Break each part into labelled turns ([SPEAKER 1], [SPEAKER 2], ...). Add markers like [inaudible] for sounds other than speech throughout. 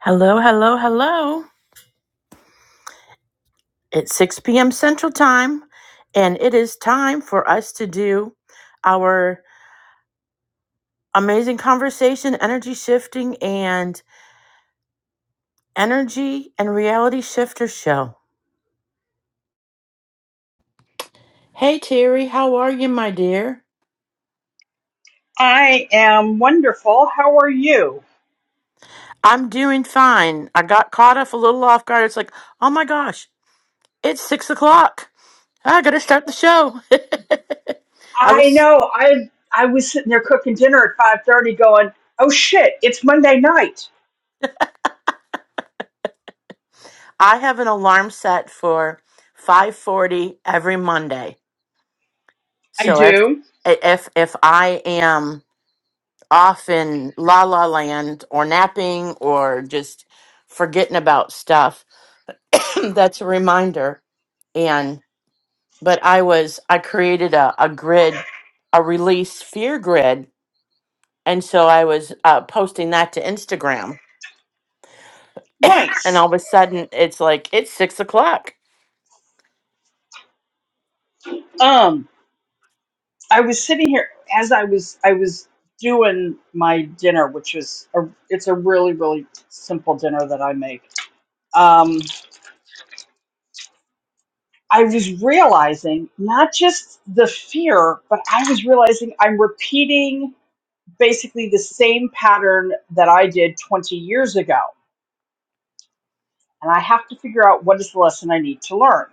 [SPEAKER 1] Hello, hello, hello. It's 6 p.m. Central Time, and it is time for us to do our amazing conversation, energy shifting, and energy and reality shifter show. Hey, Terry, how are you, my dear?
[SPEAKER 2] I am wonderful. How are you?
[SPEAKER 1] I'm doing fine. I got caught off a little off guard. It's like, oh my gosh, it's six o'clock. I gotta start the show. [laughs] I
[SPEAKER 2] I
[SPEAKER 1] was
[SPEAKER 2] know. I I was sitting there cooking dinner at five thirty, going, "Oh shit, it's Monday night."
[SPEAKER 1] I have an alarm set for 5:40 every Monday
[SPEAKER 2] I
[SPEAKER 1] So if
[SPEAKER 2] do.
[SPEAKER 1] if if I am off in la la land or napping or just forgetting about stuff, [clears throat] that's a reminder. And but I was I created a, a grid, a release fear grid, and so I was uh, posting that to Instagram, and
[SPEAKER 2] Nice.
[SPEAKER 1] all of a sudden it's like it's six o'clock.
[SPEAKER 2] Um, I was sitting here as I was I was doing my dinner, which is a it's a really really simple dinner that I make. Um, I was realizing not just the fear, but I was realizing I'm repeating basically the same pattern that I did 20 years ago. And I have to figure out what is the lesson I need to learn.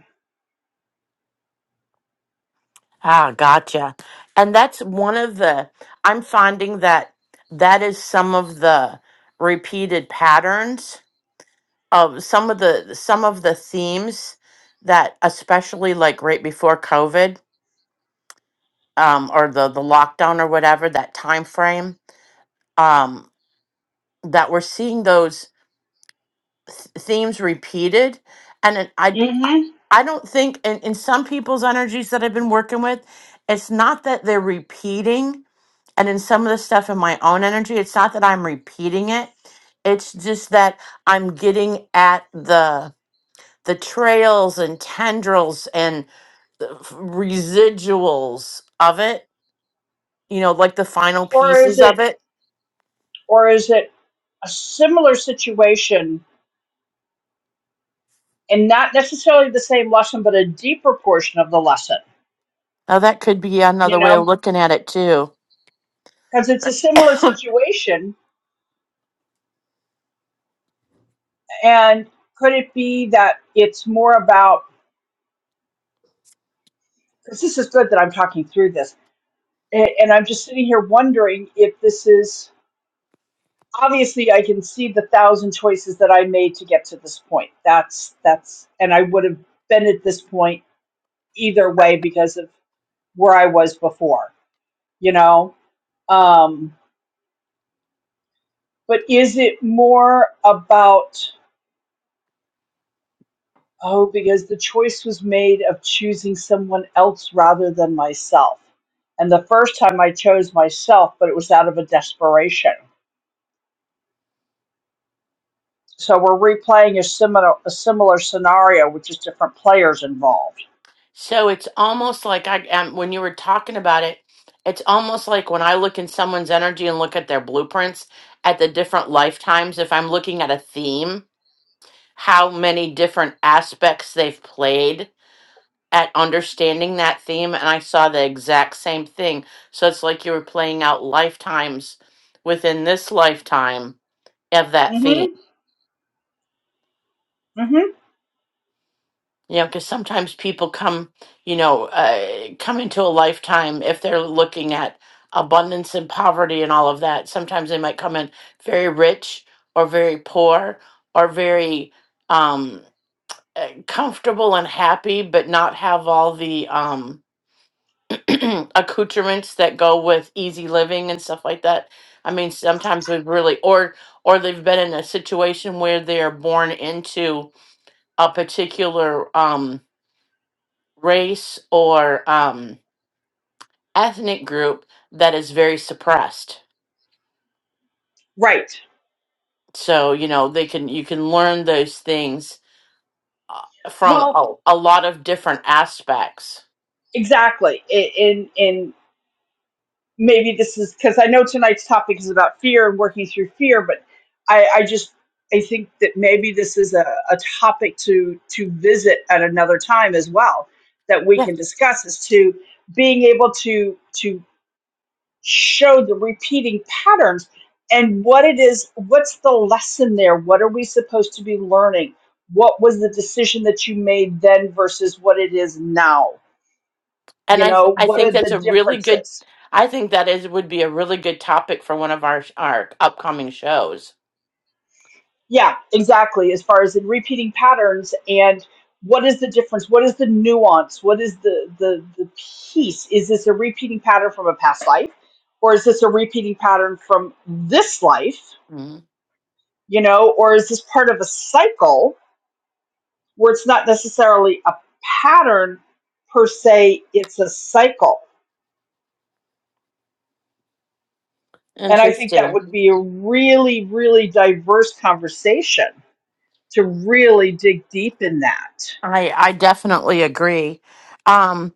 [SPEAKER 1] Ah, gotcha. And that's one of the I'm finding that that is some of the repeated patterns um some of the some of the themes that especially like right before covid um or the the lockdown or whatever that time frame um that we're seeing those th- themes repeated and it, i i
[SPEAKER 2] Mm-hmm.
[SPEAKER 1] I don't think in, in some people's energies that i've been working with it's not that they're repeating and in some of the stuff in my own energy it's not that i'm repeating it it's just that i'm getting at the. the trails and tendrils and the f- residuals of it, you know, like the final
[SPEAKER 2] Or is
[SPEAKER 1] pieces
[SPEAKER 2] it
[SPEAKER 1] of it.
[SPEAKER 2] or is it a similar situation and not necessarily the same lesson but a deeper portion of the lesson,
[SPEAKER 1] Now, that could be
[SPEAKER 2] you
[SPEAKER 1] another way
[SPEAKER 2] know?
[SPEAKER 1] of looking at it, too.
[SPEAKER 2] Because it's a similar
[SPEAKER 1] [laughs]
[SPEAKER 2] situation and could it be that it's more about because this is good that I'm talking through this. And I'm just sitting here wondering if this is obviously I can see the thousand choices that I made to get to this point. That's that's and I would have been at this point either way because of where I was before, you know? Um but is it more about oh because the choice was made of choosing someone else rather than myself. And the first time I chose myself, but it was out of a desperation. So we're replaying a similar a similar scenario with just different players involved.
[SPEAKER 1] so it's almost like I, um, when you were talking about it, it's almost like when I look in someone's energy and look at their blueprints at the different lifetimes, if I'm looking at a theme, how many different aspects they've played at understanding that theme and I saw the exact same thing. So it's like you were playing out lifetimes within this lifetime of that
[SPEAKER 2] mm Mhm.
[SPEAKER 1] theme.
[SPEAKER 2] mm Mhm.
[SPEAKER 1] You know, because sometimes people come, you know, uh, come into a lifetime if they're looking at abundance and poverty and all of that. Sometimes they might come in very rich or very poor or very um, uh, comfortable and happy, but not have all the. Um, [clears throat] accoutrements that go with easy living and stuff like that. I mean, sometimes they've really, or or they've been in a situation where they're born into a particular um, race or um, ethnic group that is very suppressed.
[SPEAKER 2] Right.
[SPEAKER 1] So you know they can you can learn those things from
[SPEAKER 2] Well,
[SPEAKER 1] a, a lot of different aspects.
[SPEAKER 2] exactly. I- In in maybe this is because I know tonight's topic is about fear and working through fear, but I, I just I think that maybe this is a, a topic to to visit at another time as well that we
[SPEAKER 1] Yeah,
[SPEAKER 2] can discuss as to being able to to show the repeating patterns and what it is what's the lesson there what are we supposed to be learning what was the decision that you made then versus what it is now
[SPEAKER 1] and
[SPEAKER 2] You
[SPEAKER 1] I
[SPEAKER 2] know,
[SPEAKER 1] th- I
[SPEAKER 2] what are
[SPEAKER 1] think that's
[SPEAKER 2] the
[SPEAKER 1] a really good.
[SPEAKER 2] differences?
[SPEAKER 1] I think that is would be a really good topic for one of our our upcoming shows.
[SPEAKER 2] Yeah, exactly. As far as in repeating patterns and what is the difference? What is the nuance? What is the, the, the piece? Is this a repeating pattern from a past life? Or is this a repeating pattern from this life?
[SPEAKER 1] Mm,
[SPEAKER 2] You know, or is this part of a cycle where it's not necessarily a pattern per se, it's a cycle? And I think that
[SPEAKER 1] Interesting.
[SPEAKER 2] would be a really, really diverse conversation to really dig deep in that.
[SPEAKER 1] I I definitely agree. Um,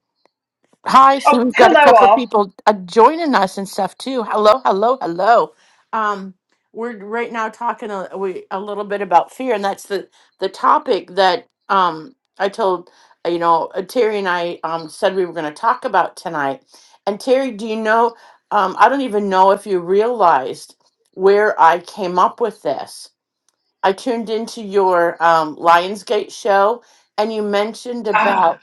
[SPEAKER 1] hi,
[SPEAKER 2] Oh,
[SPEAKER 1] so we've got a
[SPEAKER 2] hello
[SPEAKER 1] couple of
[SPEAKER 2] all.
[SPEAKER 1] people uh, joining us and stuff too. Hello, hello, hello. Um, we're right now talking a, we a little bit about fear, and that's the the topic that um I told uh, you know uh, Terry and I um said we were going to talk about tonight. And Terry, do you know? Um, I don't even know if you realized where I came up with this I tuned into your um, Lionsgate show, and you mentioned
[SPEAKER 2] Ah,
[SPEAKER 1] about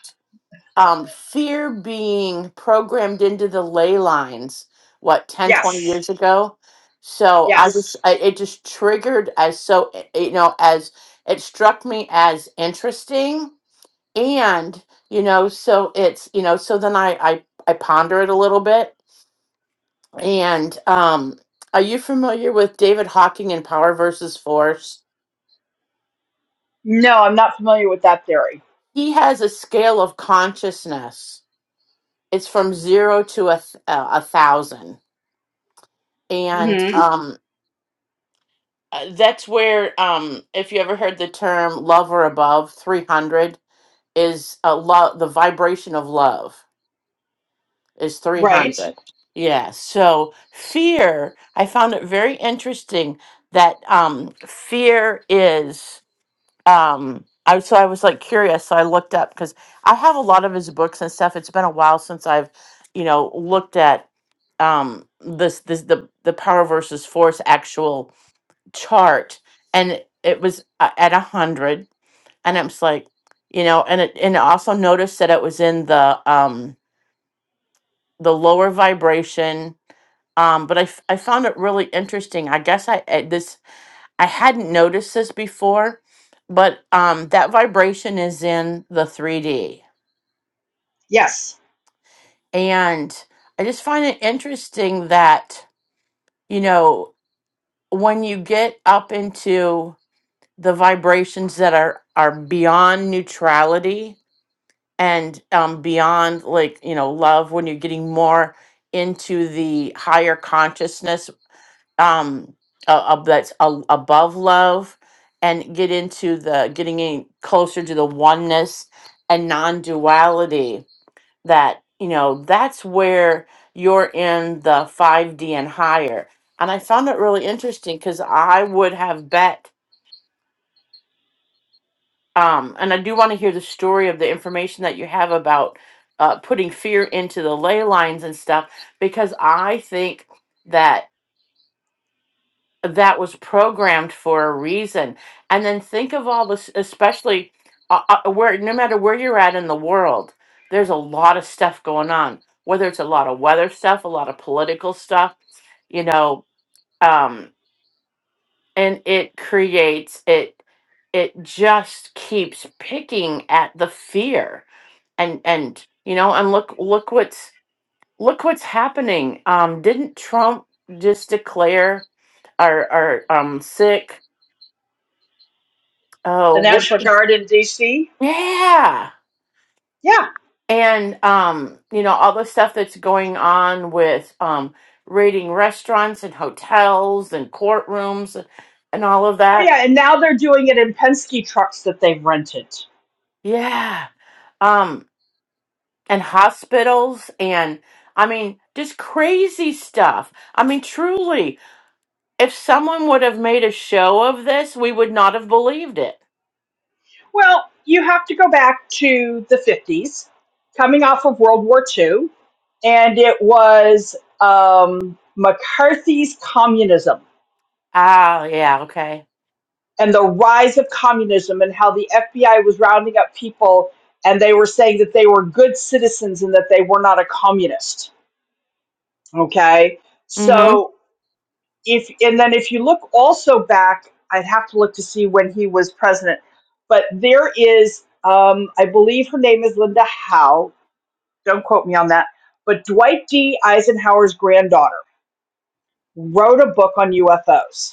[SPEAKER 1] um, fear being programmed into the ley lines, what, 10, 20
[SPEAKER 2] yes,
[SPEAKER 1] years ago? So I just,
[SPEAKER 2] yes.
[SPEAKER 1] I, it just triggered as so, eh, eh, you know, as it struck me as interesting. And, you know, so it's, you know, so then I, I, I ponder it a little bit. And um, are you familiar with David Hawking and Power versus Force?
[SPEAKER 2] No, I'm not familiar with that theory.
[SPEAKER 1] He has a scale of consciousness. It's from zero to a th- uh, a thousand, and
[SPEAKER 2] hmm
[SPEAKER 1] Mhm. um, uh, that's where um, if you ever heard the term "love or above," three hundred is a love. The vibration of love is three
[SPEAKER 2] Right.
[SPEAKER 1] hundred. Yeah. So fear, I found it very interesting that um, fear is. um I so I was like curious, so I looked up because I have a lot of his books and stuff. It's been a while since I've, you know, looked at um this this the the power versus force actual chart, and it was uh, at a hundred, and it was like, you know, and it and I also noticed that it was in the um the lower vibration. Um, but I, f- I found it really interesting. I guess I, I this I hadn't noticed this before, but um, that vibration is in the 3D.
[SPEAKER 2] Yes.
[SPEAKER 1] And I just find it interesting that, you know, when you get up into the vibrations that are, are beyond neutrality and um, beyond, like, you know, love, when you're getting more into the higher consciousness um uh, uh, that's a, above love and get into the getting in closer to the oneness and non-duality that you know that's where you're in the 5d and higher and i found it really interesting because i would have bet um and i do want to hear the story of the information that you have about uh, putting fear into the ley lines and stuff because i think that was programmed for a reason. And then think of all this, especially uh, uh, where no matter where you're at in the world, there's a lot of stuff going on. Whether it's a lot of weather stuff, a lot of political stuff, you know, um, and it creates it. It just keeps picking at the fear, and and you know, and look look what's look what's happening. Um, didn't Trump just declare are are um sick?
[SPEAKER 2] The
[SPEAKER 1] Oh, well,
[SPEAKER 2] National Guard in D.C.
[SPEAKER 1] yeah.
[SPEAKER 2] Yeah.
[SPEAKER 1] And um, you know, all the stuff that's going on with um raiding restaurants and hotels and courtrooms and all of
[SPEAKER 2] Oh,
[SPEAKER 1] that.
[SPEAKER 2] yeah. And now they're doing it in Penske trucks that they've rented.
[SPEAKER 1] Yeah. Um, and hospitals and I mean, just crazy stuff. I mean, truly, if someone would have made a show of this, we would not have believed it.
[SPEAKER 2] Well, you have to go back to the 50s, coming off of World War II, and it was um, McCarthy's communism
[SPEAKER 1] Ah, yeah, okay.
[SPEAKER 2] and the rise of communism and how the FBI was rounding up people and they were saying that they were good citizens and that they were not a communist. Okay.
[SPEAKER 1] Mm-hmm.
[SPEAKER 2] So if, and then if you look also back, I'd have to look to see when he was president, but there is, um, I believe her name is Linda Howe. Don't quote me on that. But Dwight D. Eisenhower's granddaughter wrote a book on UFOs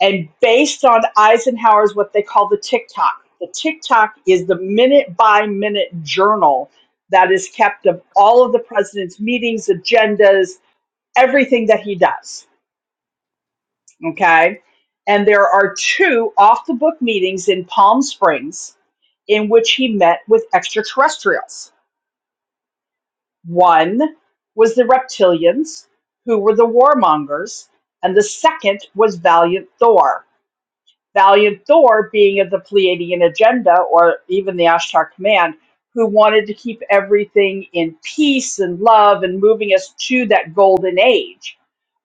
[SPEAKER 2] and based on Eisenhower's what they call the tick-tock, The tick-tock is the minute by minute journal that is kept of all of the president's meetings, agendas, everything that he does. Okay. And there are two off the book meetings in Palm Springs in which he met with extraterrestrials. One was the reptilians, who were the warmongers, and the second was Valiant Thor Valiant Thor being of the Pleiadian agenda or even the Ashtar command, who wanted to keep everything in peace and love and moving us to that golden age.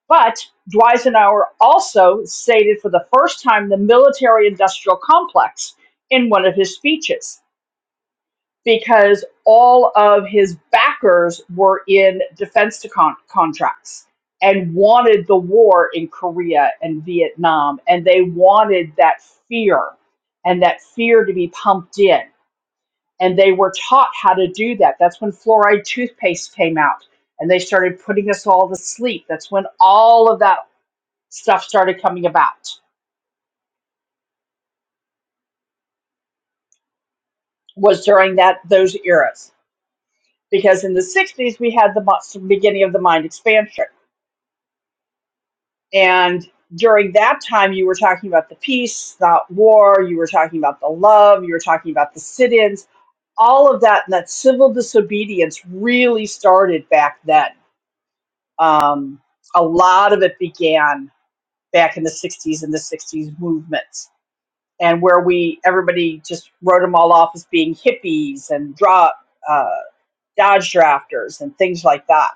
[SPEAKER 2] But Dweisenhower also stated for the first time the military industrial complex in one of his speeches because all of his backers were in defense con- contracts and wanted the war in Korea and Vietnam, and they wanted that fear and that fear to be pumped in. And they were taught how to do that. That's when fluoride toothpaste came out and they started putting us all to sleep. That's when all of that stuff started coming about was during that those eras. Because in the 60s we had the mo- beginning of the mind expansion And during that time, you were talking about the peace, not war. You were talking about the love. You were talking about the sit ins, all of that. And that civil disobedience really started back then. Um, a lot of it began back in the 60s and the 60s movements, and where we everybody just wrote them all off as being hippies and drug. uh, Dodge drafters and things like that.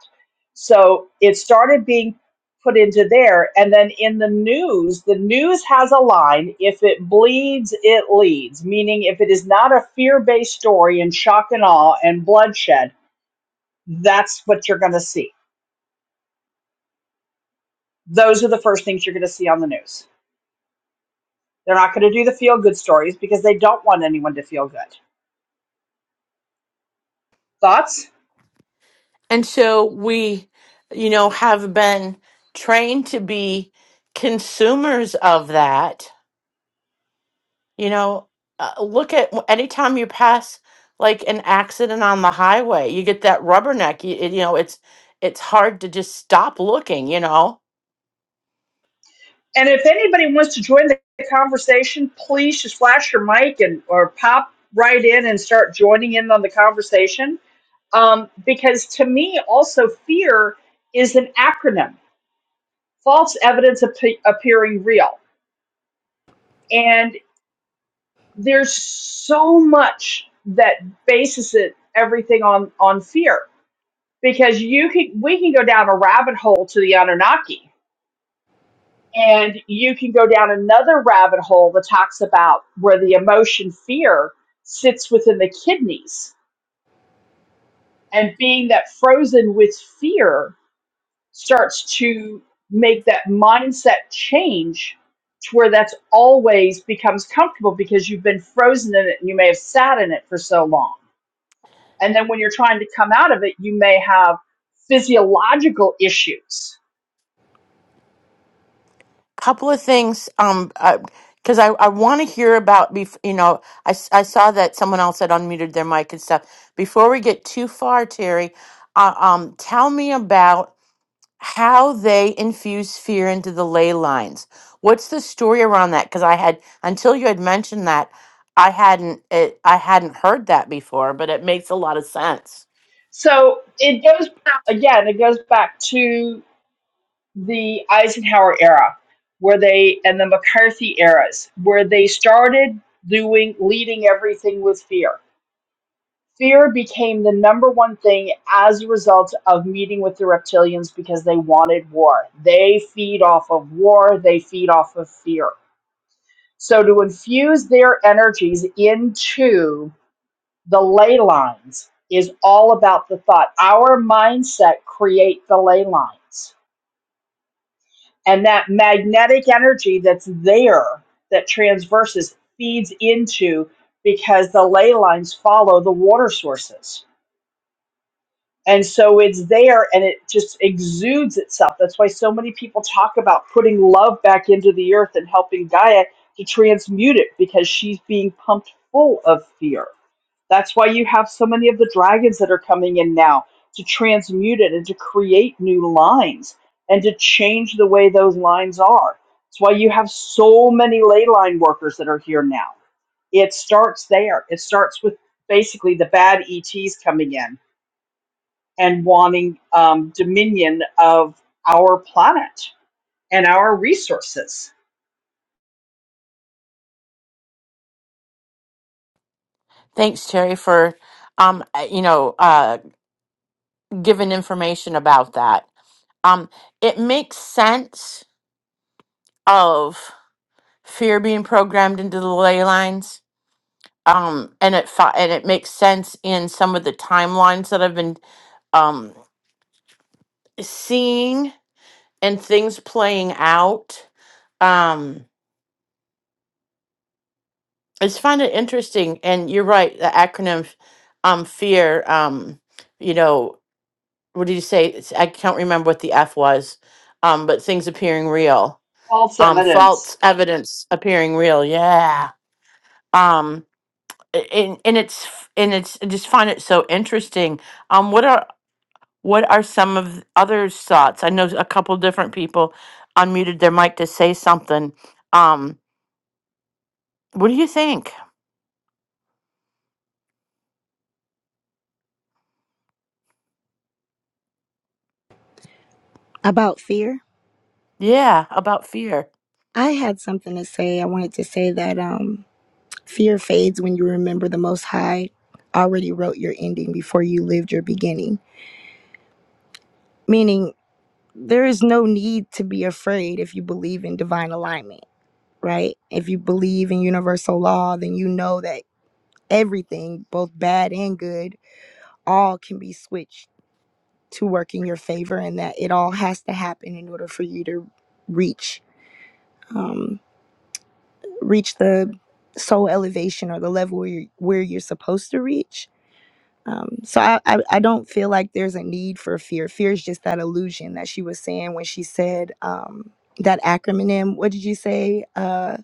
[SPEAKER 2] So it started being put into there. And then in the news, the news has a line if it bleeds, it leads, meaning if it is not a fear based story and shock and awe and bloodshed, that's what you're going to see. Those are the first things you're going to see on the news. They're not going to do the feel good stories because they don't want anyone to feel good. Thoughts?
[SPEAKER 1] And so we, you know, have been trained to be consumers of that. You know, uh, look at anytime you pass like an accident on the highway, you get that rubberneck. You, it- you know, it's it's hard to just stop looking. You know,
[SPEAKER 2] And if anybody wants to join the conversation, please just flash your mic and or pop right in and start joining in on the conversation. Um, because to me, also fear is an acronym: false evidence appe- appearing real. And there's so much that bases it everything on on fear. Because you can we can go down a rabbit hole to the Anunnaki And you can go down another rabbit hole that talks about where the emotion fear sits within the kidneys. And being that frozen with fear starts to make that mindset change to where that's always becomes comfortable because you've been frozen in it and you may have sat in it for so long. And then when you're trying to come out of it, you may have physiological issues.
[SPEAKER 1] couple of things. Um, because I I want to hear about bef- you know I s- I saw that someone else had unmuted their mic and stuff. Before we get too far, Terry, uh, um, tell me about how they infuse fear into the ley lines. What's the story around that? Because I had until you had mentioned that, I hadn't it, I hadn't heard that before, but it makes a lot of sense.
[SPEAKER 2] So it goes again, it goes back to the Eisenhower era, where they and the McCarthy eras, where they started doing leading everything with fear. Fear became the number one thing as a result of meeting with the reptilians because they wanted war. They feed off of war, they feed off of fear. So to infuse their energies into the ley lines is all about the thought. Our mindset create the ley lines And that magnetic energy that's there that transverses feeds into because the ley lines follow the water sources. And so it's there and it just exudes itself. That's why so many people talk about putting love back into the earth and helping Gaia to transmute it because she's being pumped full of fear. That's why you have so many of the dragons that are coming in now to transmute it and to create new lines and to change the way those lines are. That's why you have so many ley line workers that are here now. It starts there. It starts with basically the bad ETs coming in and wanting um, dominion of our planet and our resources.
[SPEAKER 1] Thanks, Terry, for um uh, you know uh giving information about that. Um, it makes sense of fear being programmed into the ley lines. Um, and it fi- and it makes sense in some of the timelines that I've been um seeing and things playing out. Um, I just find it interesting. And you're right, the acronym um, fear, um, you know, what did you say? It's- I can't remember what the F was, um, but things appearing real,
[SPEAKER 2] False
[SPEAKER 1] um,
[SPEAKER 2] evidence.
[SPEAKER 1] false evidence appearing real. Yeah. Um, a- and, and it's f- and it's I just find it so interesting. Um, what are what are some of others' thoughts? I know a couple different people unmuted their mic to say something. um, What do you think?
[SPEAKER 3] About fear,
[SPEAKER 1] Yeah, about fear.
[SPEAKER 3] I had something to say. I wanted to say that um, fear fades when you remember the Most High already wrote your ending before you lived your beginning. Meaning, there is no need to be afraid if you believe in divine alignment, right? If you believe in universal law, then you know that everything, both bad and good, all can be switched to work in your favor and that it all has to happen in order for you to reach. um, reach the soul elevation or the level where you're, where you're supposed to reach. Um, so I, I, I don't feel like there's a need for fear. Fear is just that illusion that she was saying when she said um, that acronym. What did you say? Uh,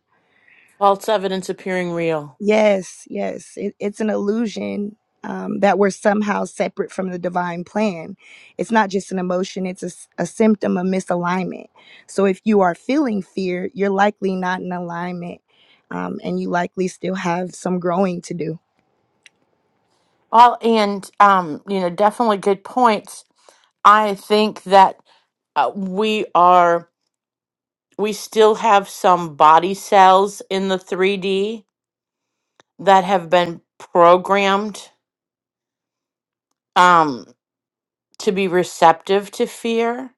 [SPEAKER 1] False evidence appearing real.
[SPEAKER 3] Yes, yes. It, it's an illusion um, that we're somehow separate from the divine plan. It's not just an emotion, it's a, s- a symptom of misalignment. So if you are feeling fear, you're likely not in alignment um, and you likely still have some growing to do.
[SPEAKER 1] Well, and um, you know, definitely good points. I think that uh, we are we still have some body cells in the 3D that have been programmed um, to be receptive to fear,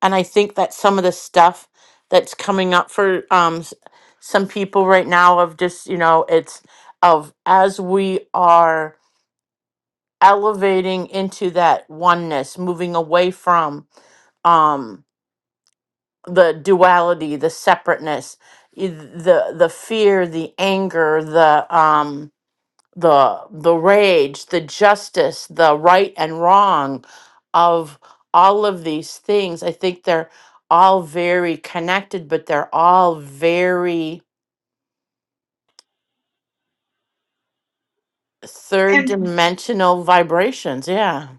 [SPEAKER 1] and I think that some of the stuff that's coming up for um, s- some people right now of just you know it's of as we are. elevating into that oneness, moving away from um, the duality, the separateness, i- the the fear, the anger, the um, the the rage, the justice, the right and wrong of all of these things. I think they're all very connected, but they're all very third
[SPEAKER 2] And
[SPEAKER 1] dimensional vibrations. Yeah.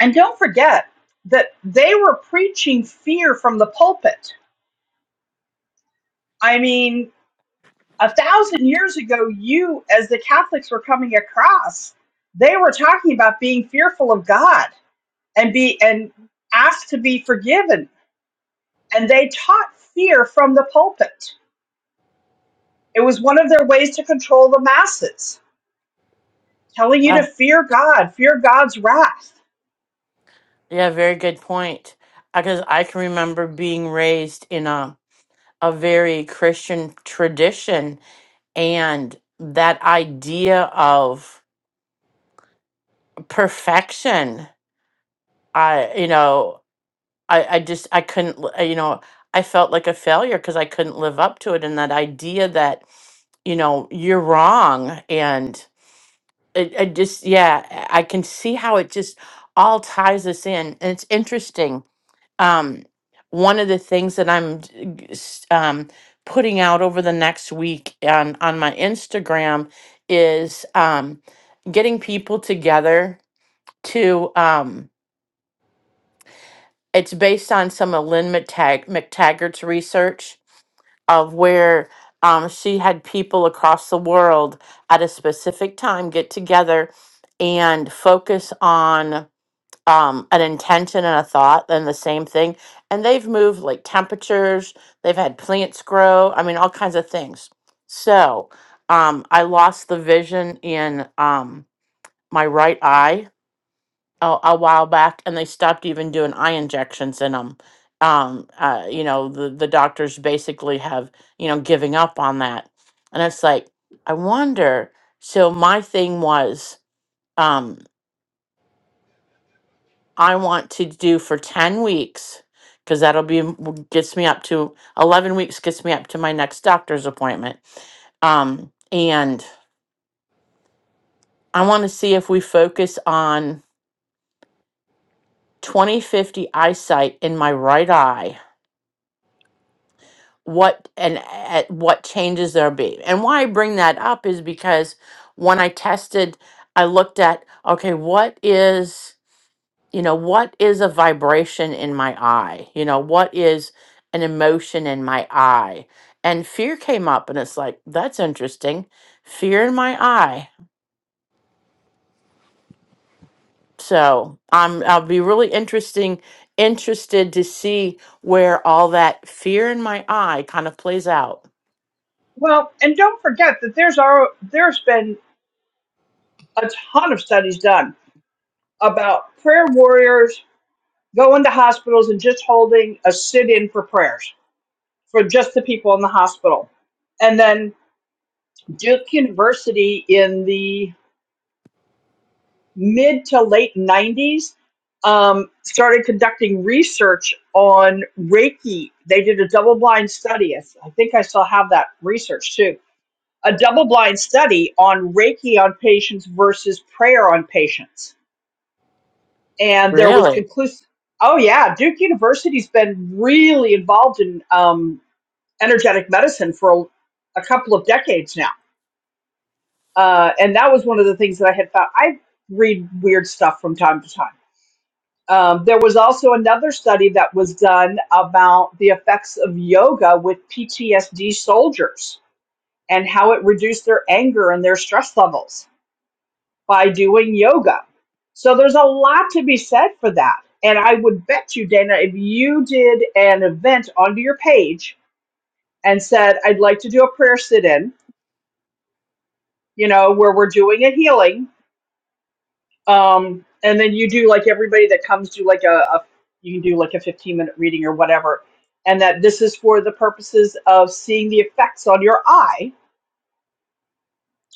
[SPEAKER 2] and don't forget that they were preaching fear from the pulpit I mean, a thousand years ago, you, as the Catholics were coming across, they were talking about being fearful of God and be and asked to be forgiven. And they taught fear from the pulpit. It was one of their ways to control the masses, telling you to
[SPEAKER 1] Wow.
[SPEAKER 2] fear God, fear God's wrath.
[SPEAKER 1] Yeah, very good point. Because I can remember being raised in a, a very Christian tradition and that idea of perfection. I, you know, I, I just, I couldn't, li- you know, I felt like a failure because I couldn't live up to it. And that idea that, you know, you're wrong. And it, I just, yeah, I I can see how it just all ties us in. And it's interesting um, one of the things that I'm d- g- s- um, putting out over the next week on, on my Instagram is um, getting people together to, um, it's based on some of Lynn McTag- McTaggart's research of where um, she had people across the world at a specific time get together and focus on um, an intention and a thought, then the same thing. And they've moved like temperatures, they've had plants grow, I mean, all kinds of things. So um, I lost the vision in um, my right eye a, a while back, and they stopped even doing eye injections in them. Um, uh, you know, the, the doctors basically have, you know, giving up on that. And it's like, I wonder. So my thing was, um, I want to do for 10 weeks because that'll be m- w- gets me up to 11 weeks gets me up to my next doctor's appointment. Um and I want to see if we focus on twenty fifty eyesight in my right eye. What and at what changes there be. And why I bring that up is because when I tested I looked at okay, what is you know, what is a vibration in my eye? You know, what is an emotion in my eye? And fear came up and it's like, that's interesting. Fear in my eye. So I'm I'll be really interesting interested to see where all that fear in my eye kind of plays out.
[SPEAKER 2] Well, and don't forget that there's our there's been a ton of studies done about prayer warriors going to hospitals and just holding a sit-in for prayers for just the people in the hospital. And then Duke University in the mid to late 90s um, started conducting research on Reiki. They did a double blind study. I I think I still have that research too. A double blind study on Reiki on patients versus prayer on patients. And there was
[SPEAKER 1] Really?
[SPEAKER 2] conclusive. Oh, yeah. Duke University's been really involved in um, energetic medicine for a, a couple of decades now uh, and that was one of the things that I had found. I read weird stuff from time to time. Um, there was also another study that was done about the effects of yoga with PTSD soldiers and how it reduced their anger and their stress levels by doing yoga. So there's a lot to be said for that. And I would bet you, Dana, if you did an event onto your page and said, I'd like to do a prayer sit in, you know, where we're doing a healing Um, and then you do like everybody that comes do like a, a you can do like a 15 minute reading or whatever. And that this is for the purposes of seeing the effects on your eye.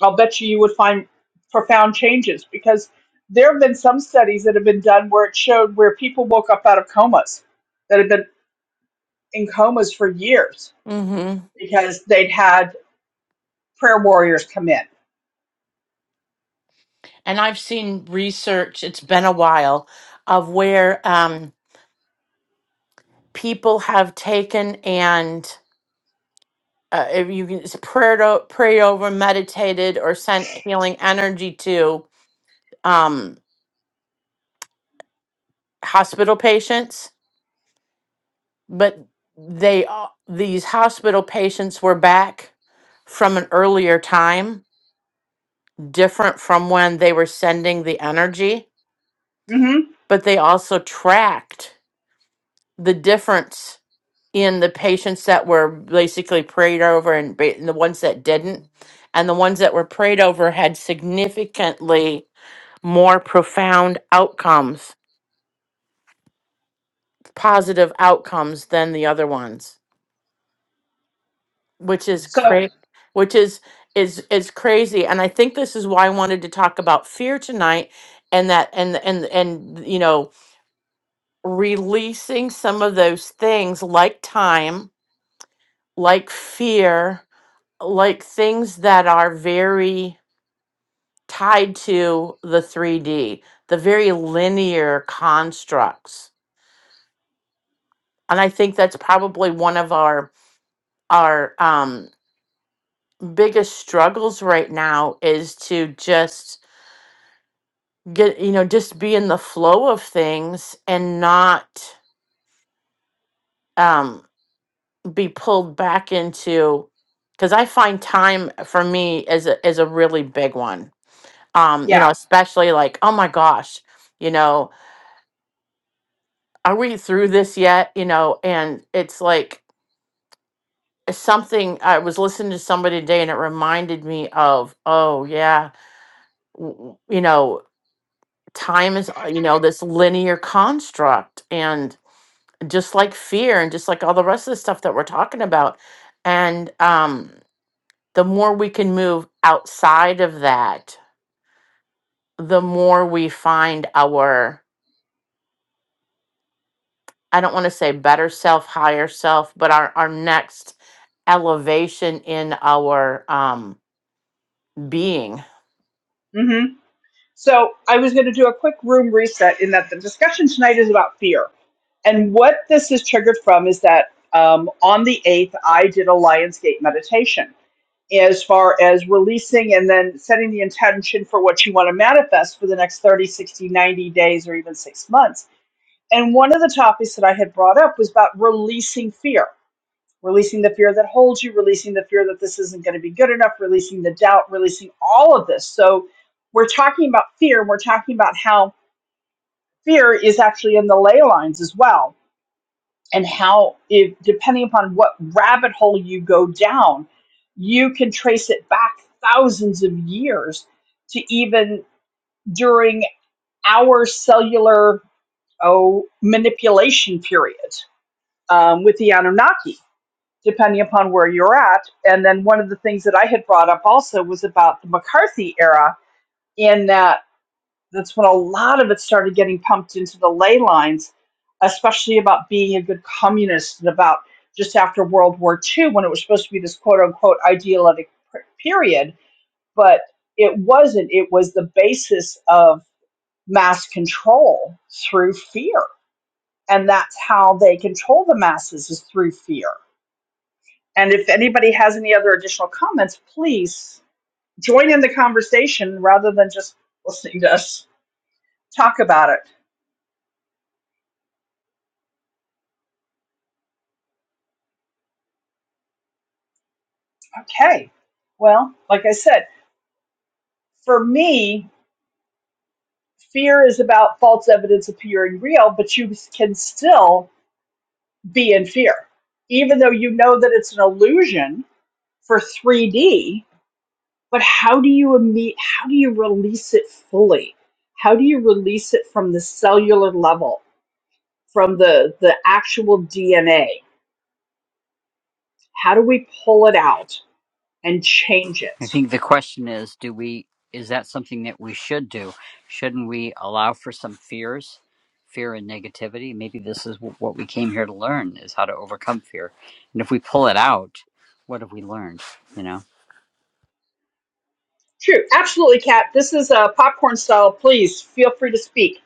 [SPEAKER 2] I'll bet you you would find profound changes because there have been some studies that have been done where it showed where people woke up out of comas that had been in comas for years
[SPEAKER 1] Mm-hmm.
[SPEAKER 2] because they'd had prayer warriors come in.
[SPEAKER 1] And I've seen research, it's been a while, of where um people have taken and uh, if you can just prayed o- prayed over, meditated, or sent healing energy to um, hospital patients. But they a- these hospital patients were back from an earlier time, different from when they were sending the energy.
[SPEAKER 2] hmm
[SPEAKER 1] But they also tracked the difference in the patients that were basically prayed over and, ba- and the ones that didn't. And the ones that were prayed over had significantly more profound outcomes, positive outcomes than the other ones, which is
[SPEAKER 2] So,
[SPEAKER 1] cra- which is is is crazy. And I think this is why I wanted to talk about fear tonight and that and and and you know, releasing some of those things like time, like fear, like things that are very tied to the 3D, the very linear constructs. And I think that's probably one of our our um biggest struggles right now is to just get you know just be in the flow of things and not um be pulled back into because i find time for me is a is a really big one um you know
[SPEAKER 2] yeah.
[SPEAKER 1] especially like oh my gosh you know are we through this yet you know and it's like something i was listening to somebody today and it reminded me of oh yeah w- w- you know time is uh, you know this linear construct and just like fear and just like all the rest of the stuff that we're talking about and um the more we can move outside of that the more we find our i don't want to say better self higher self but our our next elevation in our um being
[SPEAKER 2] hmm So I was going to do a quick room reset in that the discussion tonight is about fear. And what this is triggered from is that um, on the 8th, I did a Lionsgate meditation as far as releasing and then setting the intention for what you want to manifest for the next 30, 60, 90 days, or even six months. And one of the topics that I had brought up was about releasing fear releasing the fear that holds you, releasing the fear that this isn't going to be good enough, releasing the doubt, releasing all of this. So we're talking about fear, and we're talking about how fear is actually in the ley lines as well, and how if depending upon what rabbit hole you go down, you can trace it back thousands of years to even during our cellular oh manipulation period um, with the Anunnaki depending upon where you're at. And then one of the things that I had brought up also was about the McCarthy era, in that that's when a lot of it started getting pumped into the ley lines, especially about being a good communist and about just after World War II when it was supposed to be this quote unquote idealistic period, but it wasn't. It was the basis of mass control through fear. And that's how they control the masses is through fear And if anybody has any other additional comments, please join in the conversation rather than just listening to us talk about it. Okay. Well, like I said, for me, fear is about false evidence appearing real, but you can still be in fear, even though you know that it's an illusion for 3D. But how do you imme- how do you release it fully? How do you release it from the cellular level, from the the actual DNA? How do we pull it out and change it?
[SPEAKER 4] I think the question is do we is that something that we should do? Shouldn't we allow for some fears, fear and negativity? Maybe this is wh- what we came here to learn is how to overcome fear. And if we pull it out, what have we learned, you know?
[SPEAKER 2] True, absolutely, Kat. This is a popcorn style. Please feel free to speak.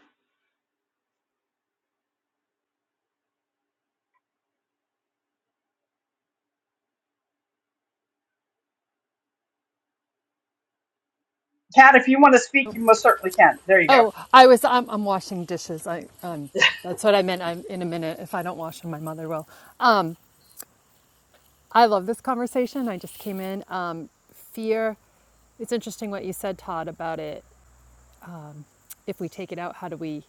[SPEAKER 2] Kat, if you want to speak, you most certainly can. There you go.
[SPEAKER 5] Oh, I was. I'm, I'm washing dishes. I um, that's what I meant. I'm in a minute. If I don't wash them, my mother will. Um, I love this conversation. I just came in. Um, fear. It's interesting what you said, Todd, about it. If we take it out, how do we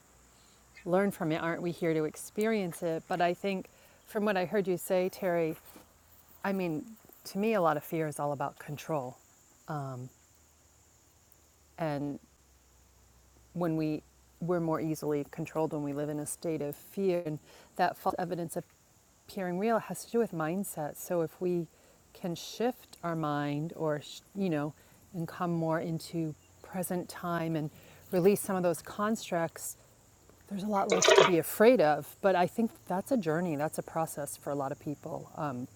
[SPEAKER 5] learn from it? Aren't we here to experience it? But I think, from what I heard you say, Terry, I mean, to me, a lot of fear is all about control. Um, and when we we're more easily controlled when we live in a state of fear and that false evidence appearing real has to do with mindset so if we can shift our mind or you know and come more into present time and release some of those constructs there's a lot less to be afraid of but i think that's a journey that's a process for a lot of people um,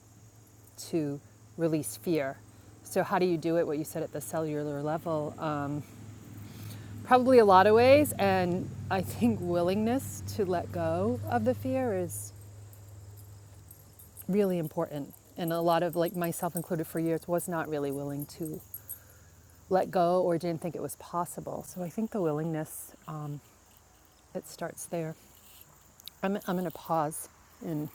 [SPEAKER 5] to release fear so how do you do it what you said at the cellular level um, Probably a lot of ways, and I think willingness to let go of the fear is really important. And a lot of, like myself included, for years was not really willing to let go or didn't think it was possible. So I think the willingness, um, it starts there. I'm, I'm going to pause and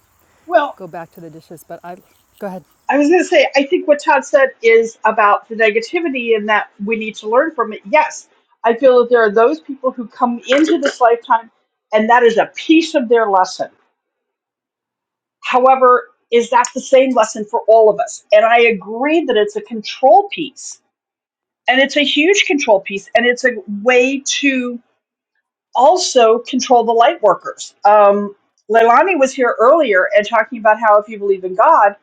[SPEAKER 2] Well,
[SPEAKER 5] go back to the dishes, but I go ahead.
[SPEAKER 2] I was going to say, I think what Todd said is about the negativity and that we need to learn from it. Yes, I feel that there are those people who come into this lifetime and that is a piece of their lesson. However, is that the same lesson for all of us? And I agree that it's a control piece And it's a huge control piece, and it's a way to also control the light workers. Um, Leilani was here earlier and talking about how if you believe in God,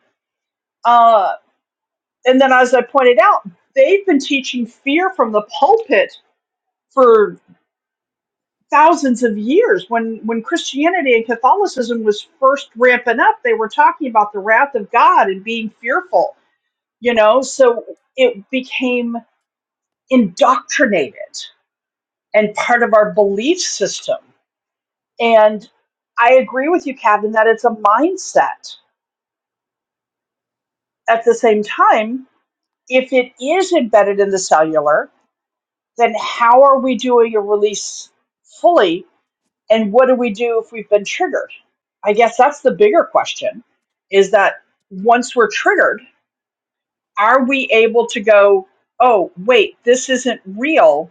[SPEAKER 2] uh, and then as I pointed out, they've been teaching fear from the pulpit for thousands of years. When when Christianity and Catholicism was first ramping up, they were talking about the wrath of God and being fearful. You know, so it became indoctrinated and part of our belief system. And I agree with you, Captain, that it's a mindset. At the same time, if it is embedded in the cellular, then how are we doing a release fully? And what do we do if we've been triggered? I guess that's the bigger question is that once we're triggered, are we able to go, oh, wait, this isn't real?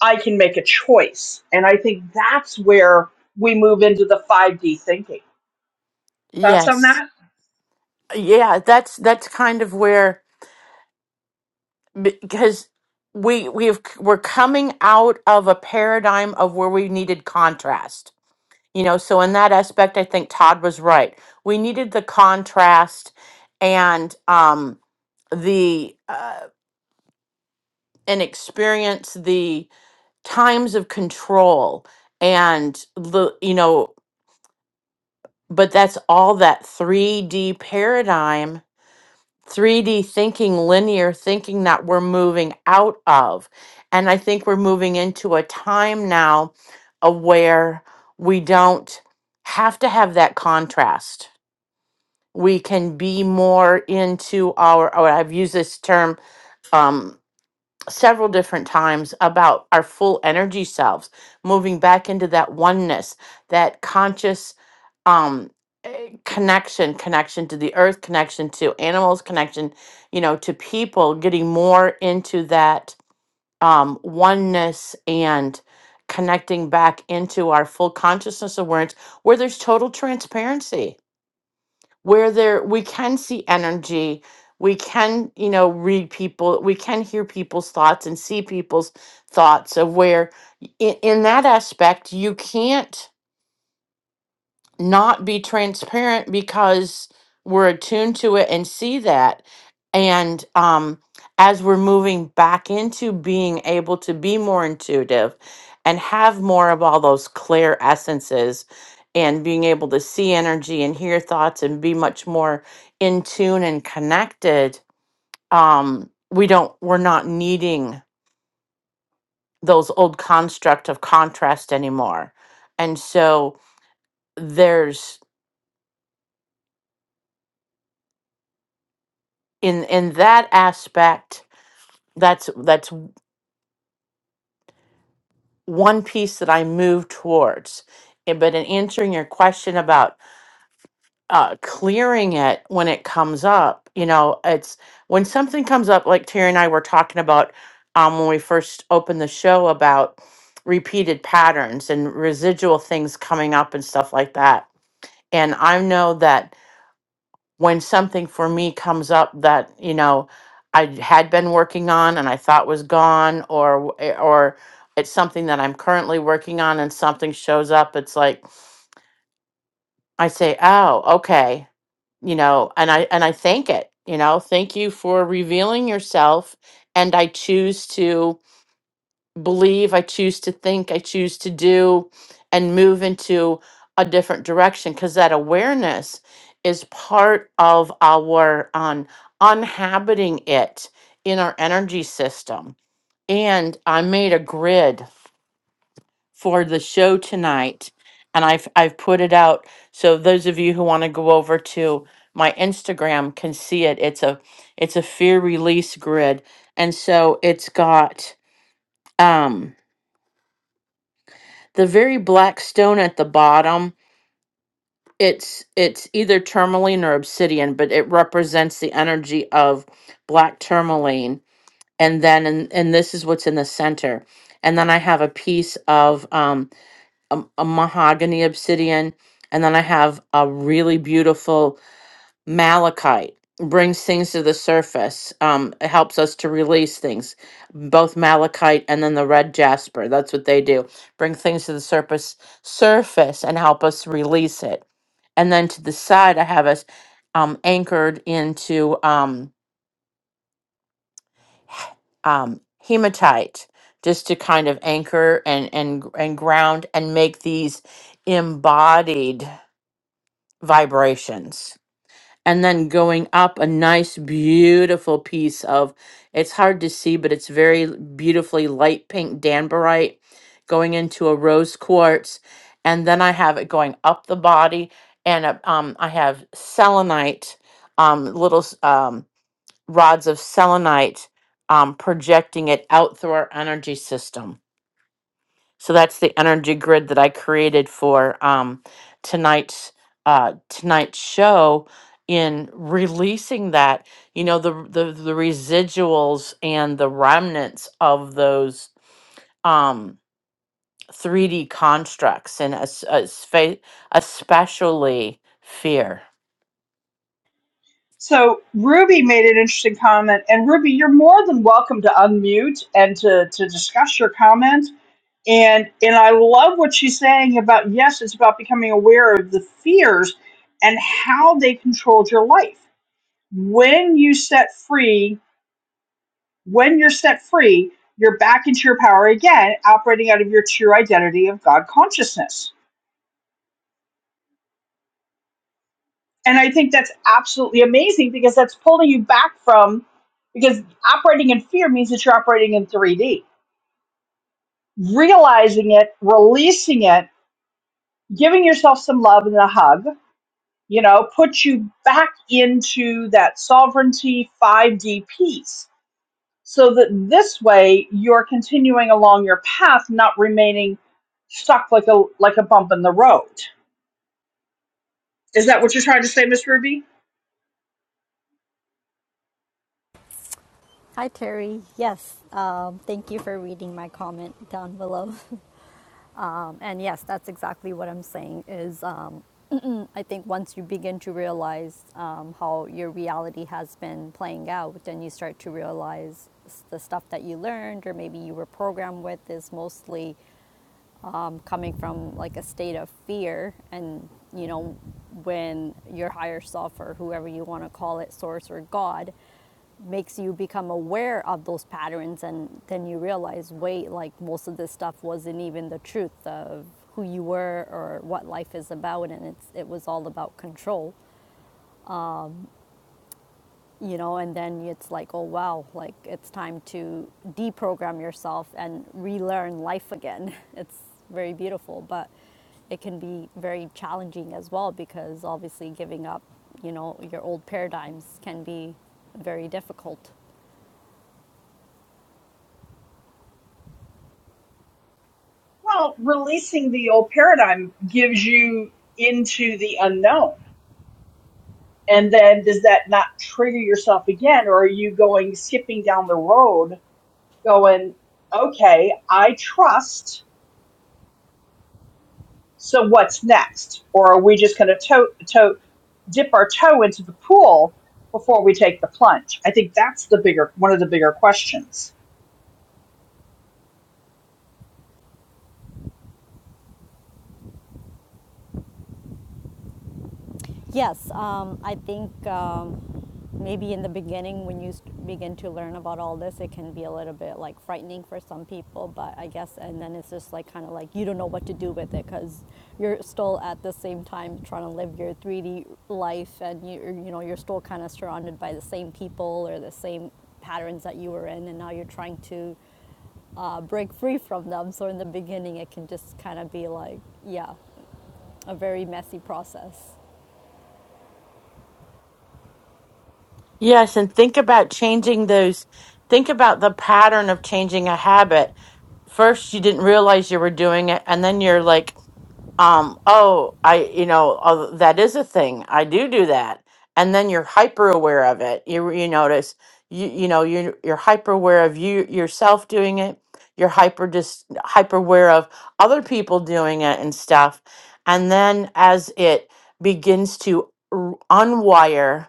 [SPEAKER 2] I can make a choice. And I think that's where we move into the 5D thinking. Thoughts on that?
[SPEAKER 1] yes yeah that's that's kind of where because we we have we're coming out of a paradigm of where we needed contrast you know so in that aspect i think todd was right we needed the contrast and um the uh and experience the times of control and the you know but that's all that 3d paradigm 3D thinking, linear thinking that we're moving out of. And I think we're moving into a time now of where we don't have to have that contrast. We can be more into our, or I've used this term um, several different times about our full energy selves moving back into that oneness that conscious um eh, connection connection to the earth connection to animals connection you know to people getting more into that um oneness and connecting back into our full consciousness awareness where there's total transparency where there we can see energy we can you know read people we can hear people's thoughts and see people's thoughts of where in, in that aspect you can't not be transparent because we're attuned to it and see that and um as we're moving back into being able to be more intuitive and have more of all those clear essences and being able to see energy and hear thoughts and be much more in tune and connected um we don't we're not needing those old construct of contrast anymore and so there's in in that aspect that's that's one piece that i move towards Eh, but in answering your question about uh, clearing it when it comes up you know it's when something comes up like terry and i were talking about um, when we first opened the show about repeated patterns and residual things coming up and stuff like that and i know that when something for me comes up that you know I had been working on and I thought was gone, or w- eh, or it's something that I'm currently working on and something shows up, it's like I say, "Oh, okay," you know, and I and I thank it, you know, thank you for revealing yourself, and I choose to believe, I choose to think, I choose to do, and move into a different direction because that awareness is part of our um, unhabiting it in our energy system. And I made a grid for the show tonight, and I've I've put it out so those of you who want to go over to my Instagram can see it. It's a it's a fear release grid, and so it's got um the very black stone at the bottom it's it's either tourmaline or obsidian but it represents the energy of black tourmaline and then and, and this is what's in the center and then i have a piece of um a, a mahogany obsidian and then i have a really beautiful malachite brings things to the surface um it helps us to release things both malachite and then the red jasper that's what they do bring things to the surface surface and help us release it and then to the side i have us um anchored into um um, hematite just to kind of anchor and and and ground and make these embodied vibrations and then going up a nice beautiful piece of it's hard to see but it's very l- beautifully light pink danbarite going into a rose quartz and then i have it going up the body and uh, um, i have selenite um, little s- um, rods of selenite um, projecting it out through our energy system so that's the energy grid that I created for um, tonight's uh, tonight's show. In releasing that, you know the the the residuals and the remnants of those um, 3D constructs, and es- es- especially fear.
[SPEAKER 2] So Ruby made an interesting comment, and Ruby, you're more than welcome to unmute and to, to discuss your comment. And and I love what she's saying about yes, it's about becoming aware of the fears and how they controlled your life. When you set free, when you're set free, you're back into your power again, operating out of your true identity of God consciousness And I think that's absolutely amazing because that's pulling you back from, because operating in fear means that you're operating in 3D. Realizing it, releasing it, giving yourself some love and a hug, you know, puts you back into that sovereignty 5D piece. So that this way you're continuing along your path, not remaining stuck like a like a bump in the road. Is that what you're trying to say, Miss Ruby?
[SPEAKER 6] Hi, Terry. Yes, um, thank you for reading my comment down below. [laughs] Um, and yes, that's exactly what I'm saying. Is um, I think once you begin to realize um, how your reality has been playing out, then you start to realize s- the stuff that you learned or maybe you were programmed with is mostly um, coming from like a state of fear and you know when your higher self or whoever you want to call it source or god makes you become aware of those patterns and then you realize wait like most of this stuff wasn't even the truth of who you were or what life is about and it's it was all about control you know, and then it's like, oh wow, like it's time to deprogram yourself and relearn life again. [laughs] It's very beautiful, but it can be very challenging as well because obviously giving up, you know, your old paradigms can be very difficult.
[SPEAKER 2] Well, releasing the old paradigm gives you into the unknown. And then does that not trigger yourself again? Or are you going skipping down the road going, okay, I trust. So what's next? Or are we just going to toe, toe, dip our toe into the pool before we take the plunge? I think that's the bigger, one of the bigger questions.
[SPEAKER 6] Yes, um, I think um, maybe in the beginning when you st- begin to learn about all this, it can be a little bit like frightening for some people, but I guess, and then it's just like kind of like you don't know what to do with it because you're still at the same time trying to live your 3D life and you, you know, you're still kind of surrounded by the same people or the same patterns that you were in, and now you're trying to uh, break free from them. So in the beginning, it can just kind of be like, yeah, a very messy process.
[SPEAKER 1] Yes, and think about changing those. Think about the pattern of changing a habit first you didn't realize you were doing it and then you're like um oh i you know oh, that is a thing i do do that and then you're hyper aware of it you you notice you you know you're you're hyper aware of you yourself doing it you're hyper just hyper aware of other people doing it and stuff and then as it begins to r- unwire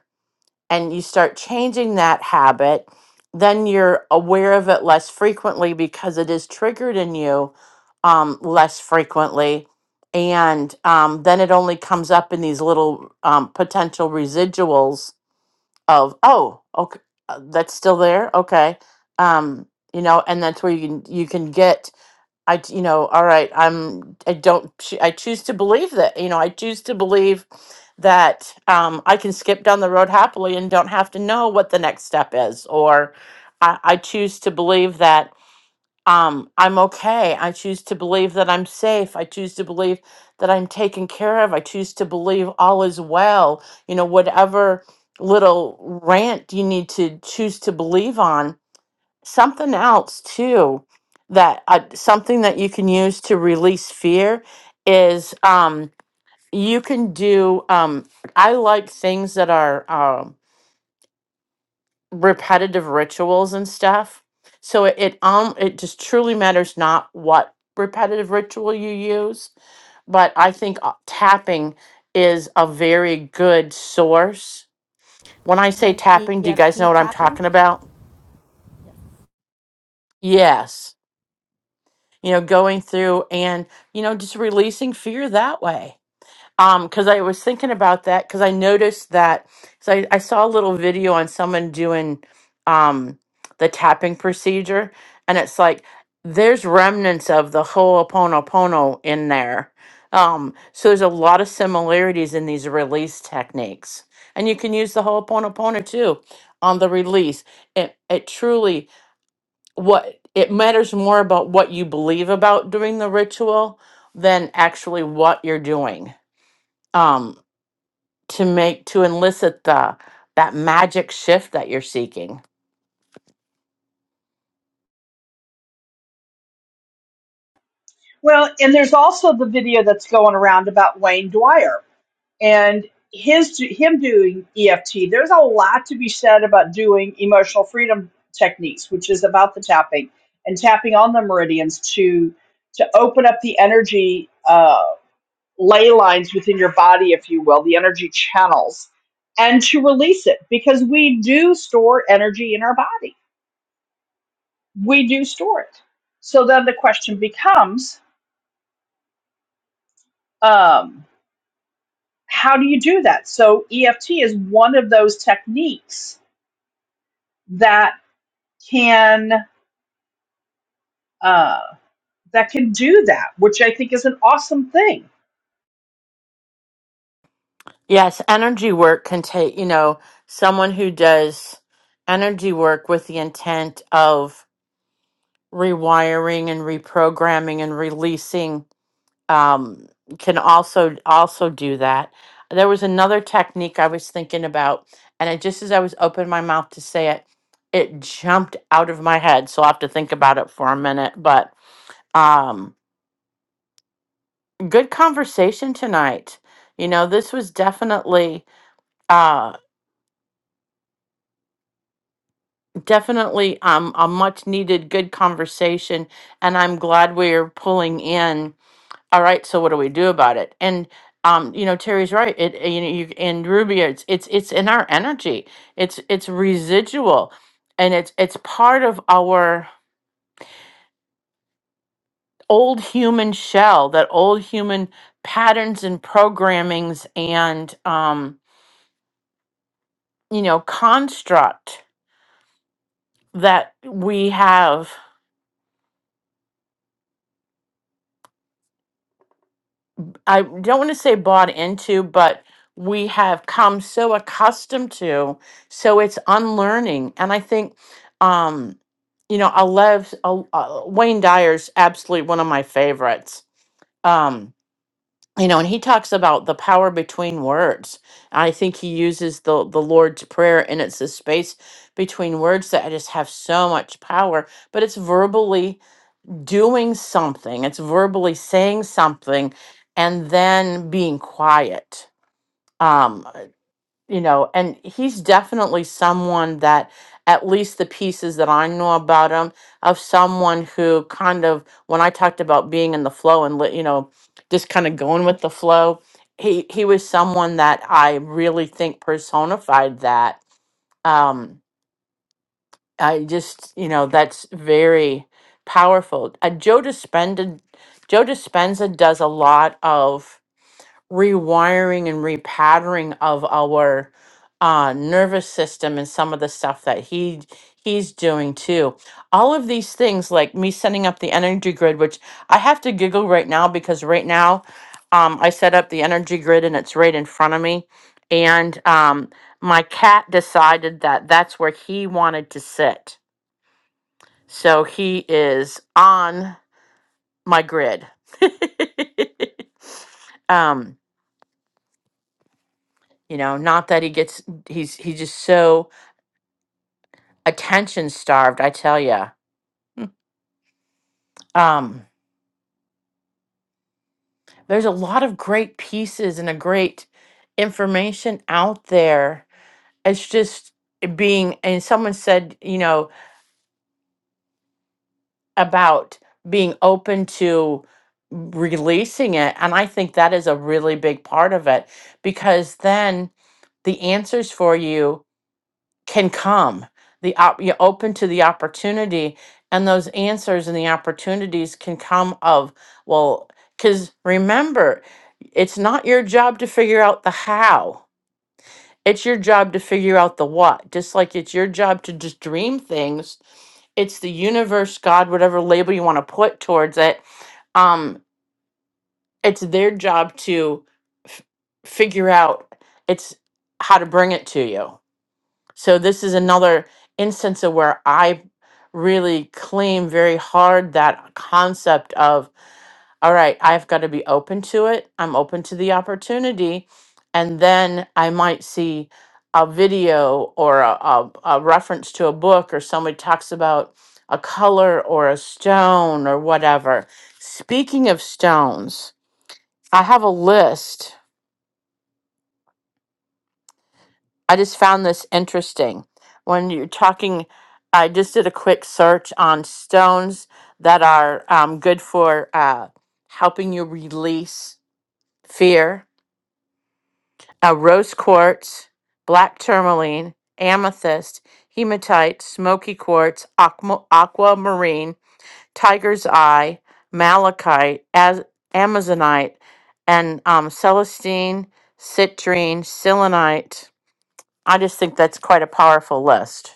[SPEAKER 1] and you start changing that habit, then you're aware of it less frequently because it is triggered in you um, less frequently. And um, then it only comes up in these little um, potential residuals of, oh, okay, uh, that's still there. Okay. Um, you know, and that's where you can, you can get I, t- you know, all right, I'm, I don't, ch- I choose to believe that, you know, I choose to believe that um, I can skip down the road happily and don't have to know what the next step is. Or I, I choose to believe that um, I'm okay. I choose to believe that I'm safe. I choose to believe that I'm taken care of. I choose to believe all is well. You know, whatever little rant you need to choose to believe on something else too that uh, something that you can use to release fear is um you can do um i like things that are um repetitive rituals and stuff so it, it um it just truly matters not what repetitive ritual you use but i think uh, tapping is a very good source when i say
[SPEAKER 6] Like
[SPEAKER 1] tapping do you guys know
[SPEAKER 6] EFT
[SPEAKER 1] what i'm
[SPEAKER 6] tapping?
[SPEAKER 1] talking about yes you know, going through and, you know, just releasing fear that way. Um, cause I was thinking about that because I noticed that, so I, I saw a little video on someone doing, um, the tapping procedure and it's like, there's remnants of the Ho'oponopono in there. Um, so there's a lot of similarities in these release techniques and you can use the Ho'oponopono too on the release. It, it truly, what it matters more about what you believe about doing the ritual than actually what you're doing um to make to elicit the that magic shift that you're seeking
[SPEAKER 2] Well, and there's also the video that's going around about Wayne Dwyer and his him doing EFT. There's a lot to be said about doing emotional freedom techniques, which is about the tapping and tapping on the meridians to to open up the energy uh, ley lines within your body, if you will, the energy channels, and to release it because we do store energy in our body. We do store it. So then the question becomes. Um, how do you do that? So, EFT is one of those techniques that can uh, that can do that, which I think is an awesome thing.
[SPEAKER 1] yes energy work can take you know someone who does energy work with the intent of rewiring and reprogramming and releasing um, can also also do that. There was another technique I was thinking about, and it just as I was opening my mouth to say it, it jumped out of my head. So I'll have to think about it for a minute. But um, good conversation tonight. You know, this was definitely uh definitely um a much needed good conversation and I'm glad we're pulling in all right so what do we do about it and um you know terry's right it uh, you know you in ruby it's it's it's in our energy it's it's residual and it's it's part of our old human shell that old human patterns and programmings and um you know construct that we have I don't want to say bought into, but we have come so accustomed to. So it's unlearning. And I think, um, you know, Alev's, uh, uh, Wayne Dyer's absolutely one of my favorites. Um, you know, and he talks about the power between words. I think he uses the, the Lord's Prayer, and it's the space between words that I just have so much power, but it's verbally doing something it's verbally saying something and then being quiet um you know and he's definitely someone that at least the pieces that i know about him of someone who kind of when i talked about being in the flow and li- you know just kind of going with the flow he he was someone that i really think personified that Um, I just, you know, that's very powerful. Uh, Joe Dispenza, Joe Dispenza does a lot of rewiring and repattering of our uh, nervous system and some of the stuff that he he's doing too. All of these things, like me setting up the energy grid, which I have to giggle right now because right now um, I set up the energy grid and it's right in front of me, and um, my cat decided that that's where he wanted to sit so he is on my grid. [laughs] um, you know, not that he gets he's he's just so attention starved, I tell you. Um, there's a lot of great pieces and a great information out there. It's just being and someone said, you know, about being open to releasing it. And I think that is a really big part of it because then the answers for you can come. The op- you're open to the opportunity, and those answers and the opportunities can come of well, because remember, it's not your job to figure out the how it's your job to figure out the what. Just like it's your job to just dream things. It's the universe, God, whatever label you want to put towards it. Um, it's their job to f- figure out it's how to bring it to you. So this is another instance of where I really claim very hard that concept of all right, I've got to be open to it. I'm open to the opportunity. And then I might see a video or a, a, a reference to a book or somebody talks about a color or a stone or whatever. Speaking of stones, I have a list I just found this interesting. When you're talking, I just did a quick search on stones that are um, good for uh, helping you release fear uh, rose quartz, black tourmaline, amethyst, hematite, smoky quartz, aqua- aquamarine, tiger's eye, malachite, az- amazonite, and um, celestine, citrine, selenite. I just think that's quite a powerful list.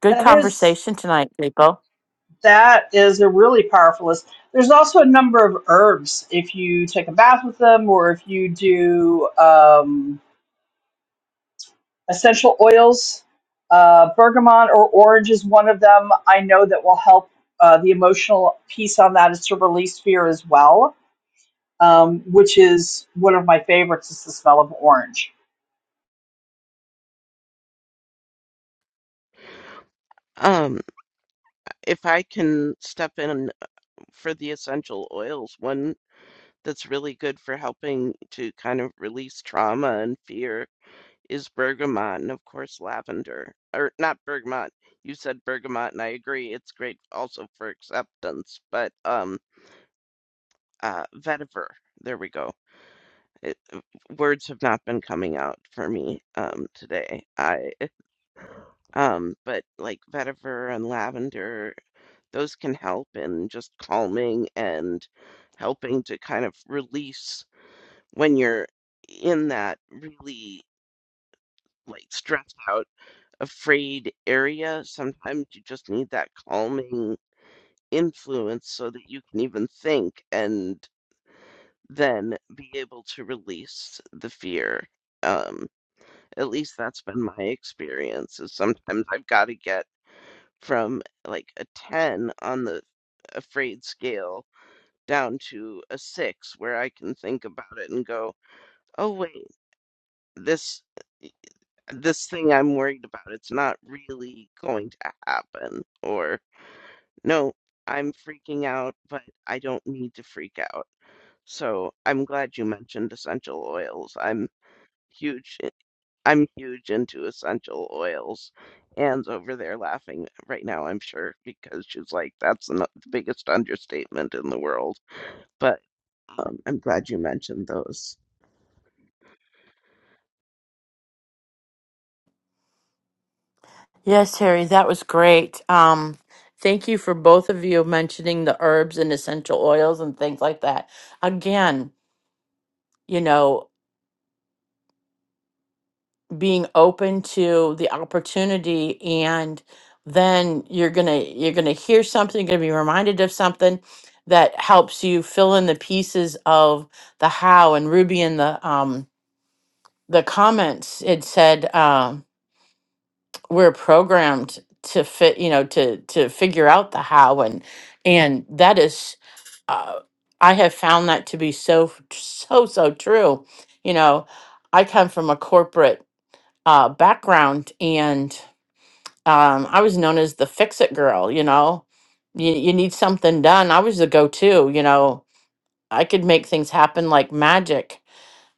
[SPEAKER 1] Good
[SPEAKER 2] That is
[SPEAKER 1] conversation tonight, people.
[SPEAKER 2] that is a really powerful list. There's also a number of herbs if you take a bath with them, or if you do um, essential oils. Uh, bergamot or orange is one of them. I know that will help. Uh, the emotional piece on that is to release fear as well, um, which is one of my favorites. Is the smell of orange
[SPEAKER 7] Um, if I can step in for the essential oils, one that's really good for helping to kind of release trauma and fear is bergamot and of course lavender. Or not bergamot. You said bergamot and I agree. It's great also for acceptance, but um uh vetiver. There we go. It, words have not been coming out for me um today. I um but like vetiver and lavender those can help in just calming and helping to kind of release when you're in that really like stressed out, afraid area. Sometimes you just need that calming influence so that you can even think and then be able to release the fear. Um, at least that's been my experience is sometimes I've got to get from like a 10 on the afraid scale down to a six where I can think about it and go, oh wait, this this thing I'm worried about, it's not really going to happen. Or no, I'm freaking out, but I don't need to freak out. So I'm glad you mentioned essential oils. I'm huge i- am huge into essential oils. Anne's over there laughing right now, I'm sure, because she's like, that's the no- the biggest understatement in the world. But um, I'm glad you mentioned those.
[SPEAKER 1] Yes, Harry, that was great. Um, thank you for both of you mentioning the herbs and essential oils and things like that. Again, you know, being open to the opportunity and then you're gonna you're gonna hear something, you're gonna be reminded of something that helps you fill in the pieces of the how. And Ruby in the um the comments it said Um, we're programmed to fit you know to to figure out the how and and that is uh, i have found that to be so so so true you know i come from a corporate uh, background and um, i was known as the fix it girl you know you, you need something done i was the go-to you know i could make things happen like magic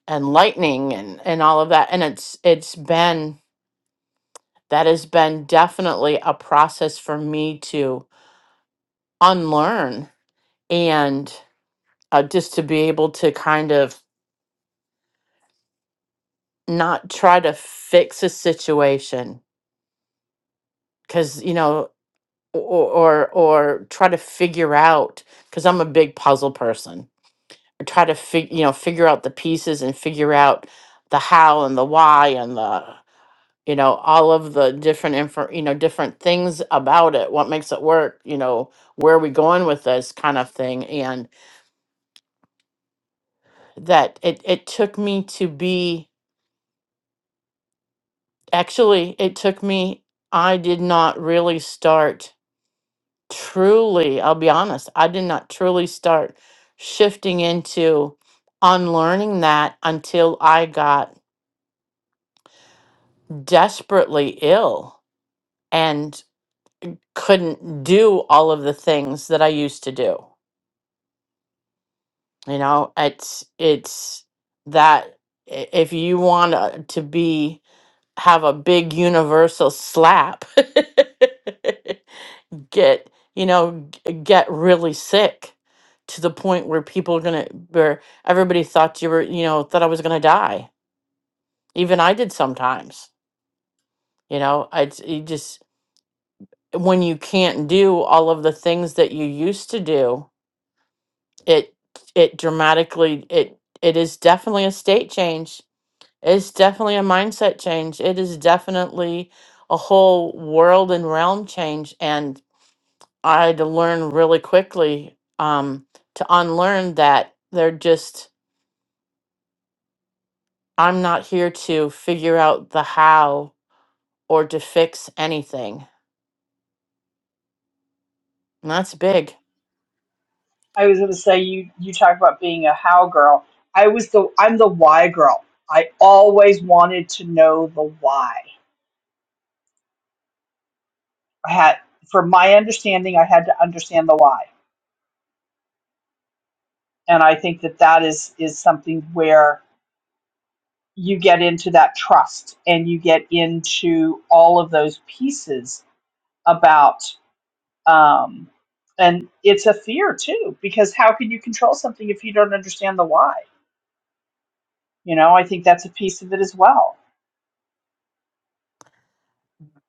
[SPEAKER 1] and lightning and and all of that and it's it's been that has been definitely a process for me to unlearn and uh, just to be able to kind of not try to fix a situation because you know or, or or try to figure out because i'm a big puzzle person I try to fig, you know figure out the pieces and figure out the how and the why and the you know all of the different info you know different things about it what makes it work you know where are we going with this kind of thing and that it it took me to be actually it took me i did not really start truly i'll be honest i did not truly start shifting into unlearning that until i got desperately ill and couldn't do all of the things that i used to do You know, it's it's that i- if you want uh, to be have a big universal slap, [laughs] get you know g- get really sick to the point where people are gonna where everybody thought you were you know thought I was gonna die. Even I did sometimes. You know, it's you just when you can't do all of the things that you used to do, it it dramatically it it is definitely a state change It's definitely a mindset change. It is definitely a whole world and realm change. And I had to learn really quickly um, to unlearn that they're just, I'm not here to figure out the how or to fix anything. And that's big.
[SPEAKER 2] I was gonna say you you talk about being a how girl. I was the I'm the why girl. I always wanted to know the why. I had, from my understanding, I had to understand the why, and I think that that is is something where you get into that trust and you get into all of those pieces about um and it's a fear too because how can you control something if you don't understand the why you know i think that's a piece of it as well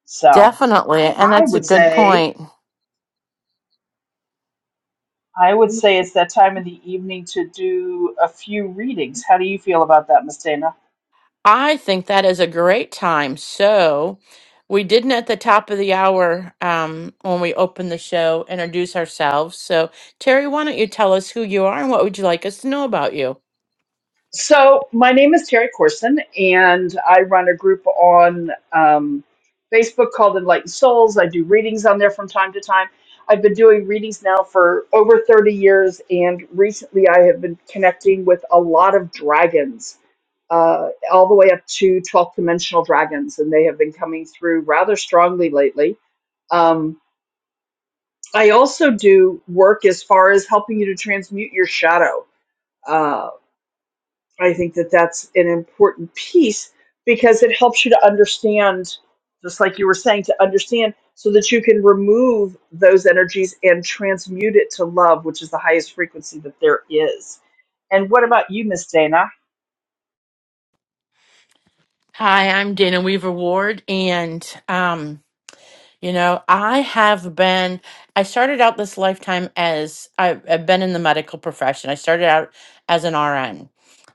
[SPEAKER 2] so
[SPEAKER 1] Definitely. And
[SPEAKER 2] I
[SPEAKER 1] that's a
[SPEAKER 2] would
[SPEAKER 1] good
[SPEAKER 2] say
[SPEAKER 1] point.
[SPEAKER 2] I would say it's that time of the evening to do a few readings. How do you feel about that, Miss Dana?
[SPEAKER 1] I think that is a great time. So, we didn't at the top of the hour um, when we opened the show introduce ourselves. So, Terry, why don't you tell us who you are and what would you like us to know about you?
[SPEAKER 2] So my name is Terry Corson, and I run a group on um, Facebook called Enlightened Souls. I do readings on there from time to time. I've been doing readings now for over 30 years, and recently I have been connecting with a lot of dragons, uh, all the way up to 12th dimensional dragons, and they have been coming through rather strongly lately. Um, I also do work as far as helping you to transmute your shadow. Uh, I think that that's an important piece because it helps you to understand, just like you were saying, to understand so that you can remove those energies and transmute it to love, which is the highest frequency that there is. And what about you, Miss Dana?
[SPEAKER 1] Hi, I'm Dana Weaver Ward, and um, you know, I have been. I started out this lifetime as I've, I've been in the medical profession. I started out as an RN,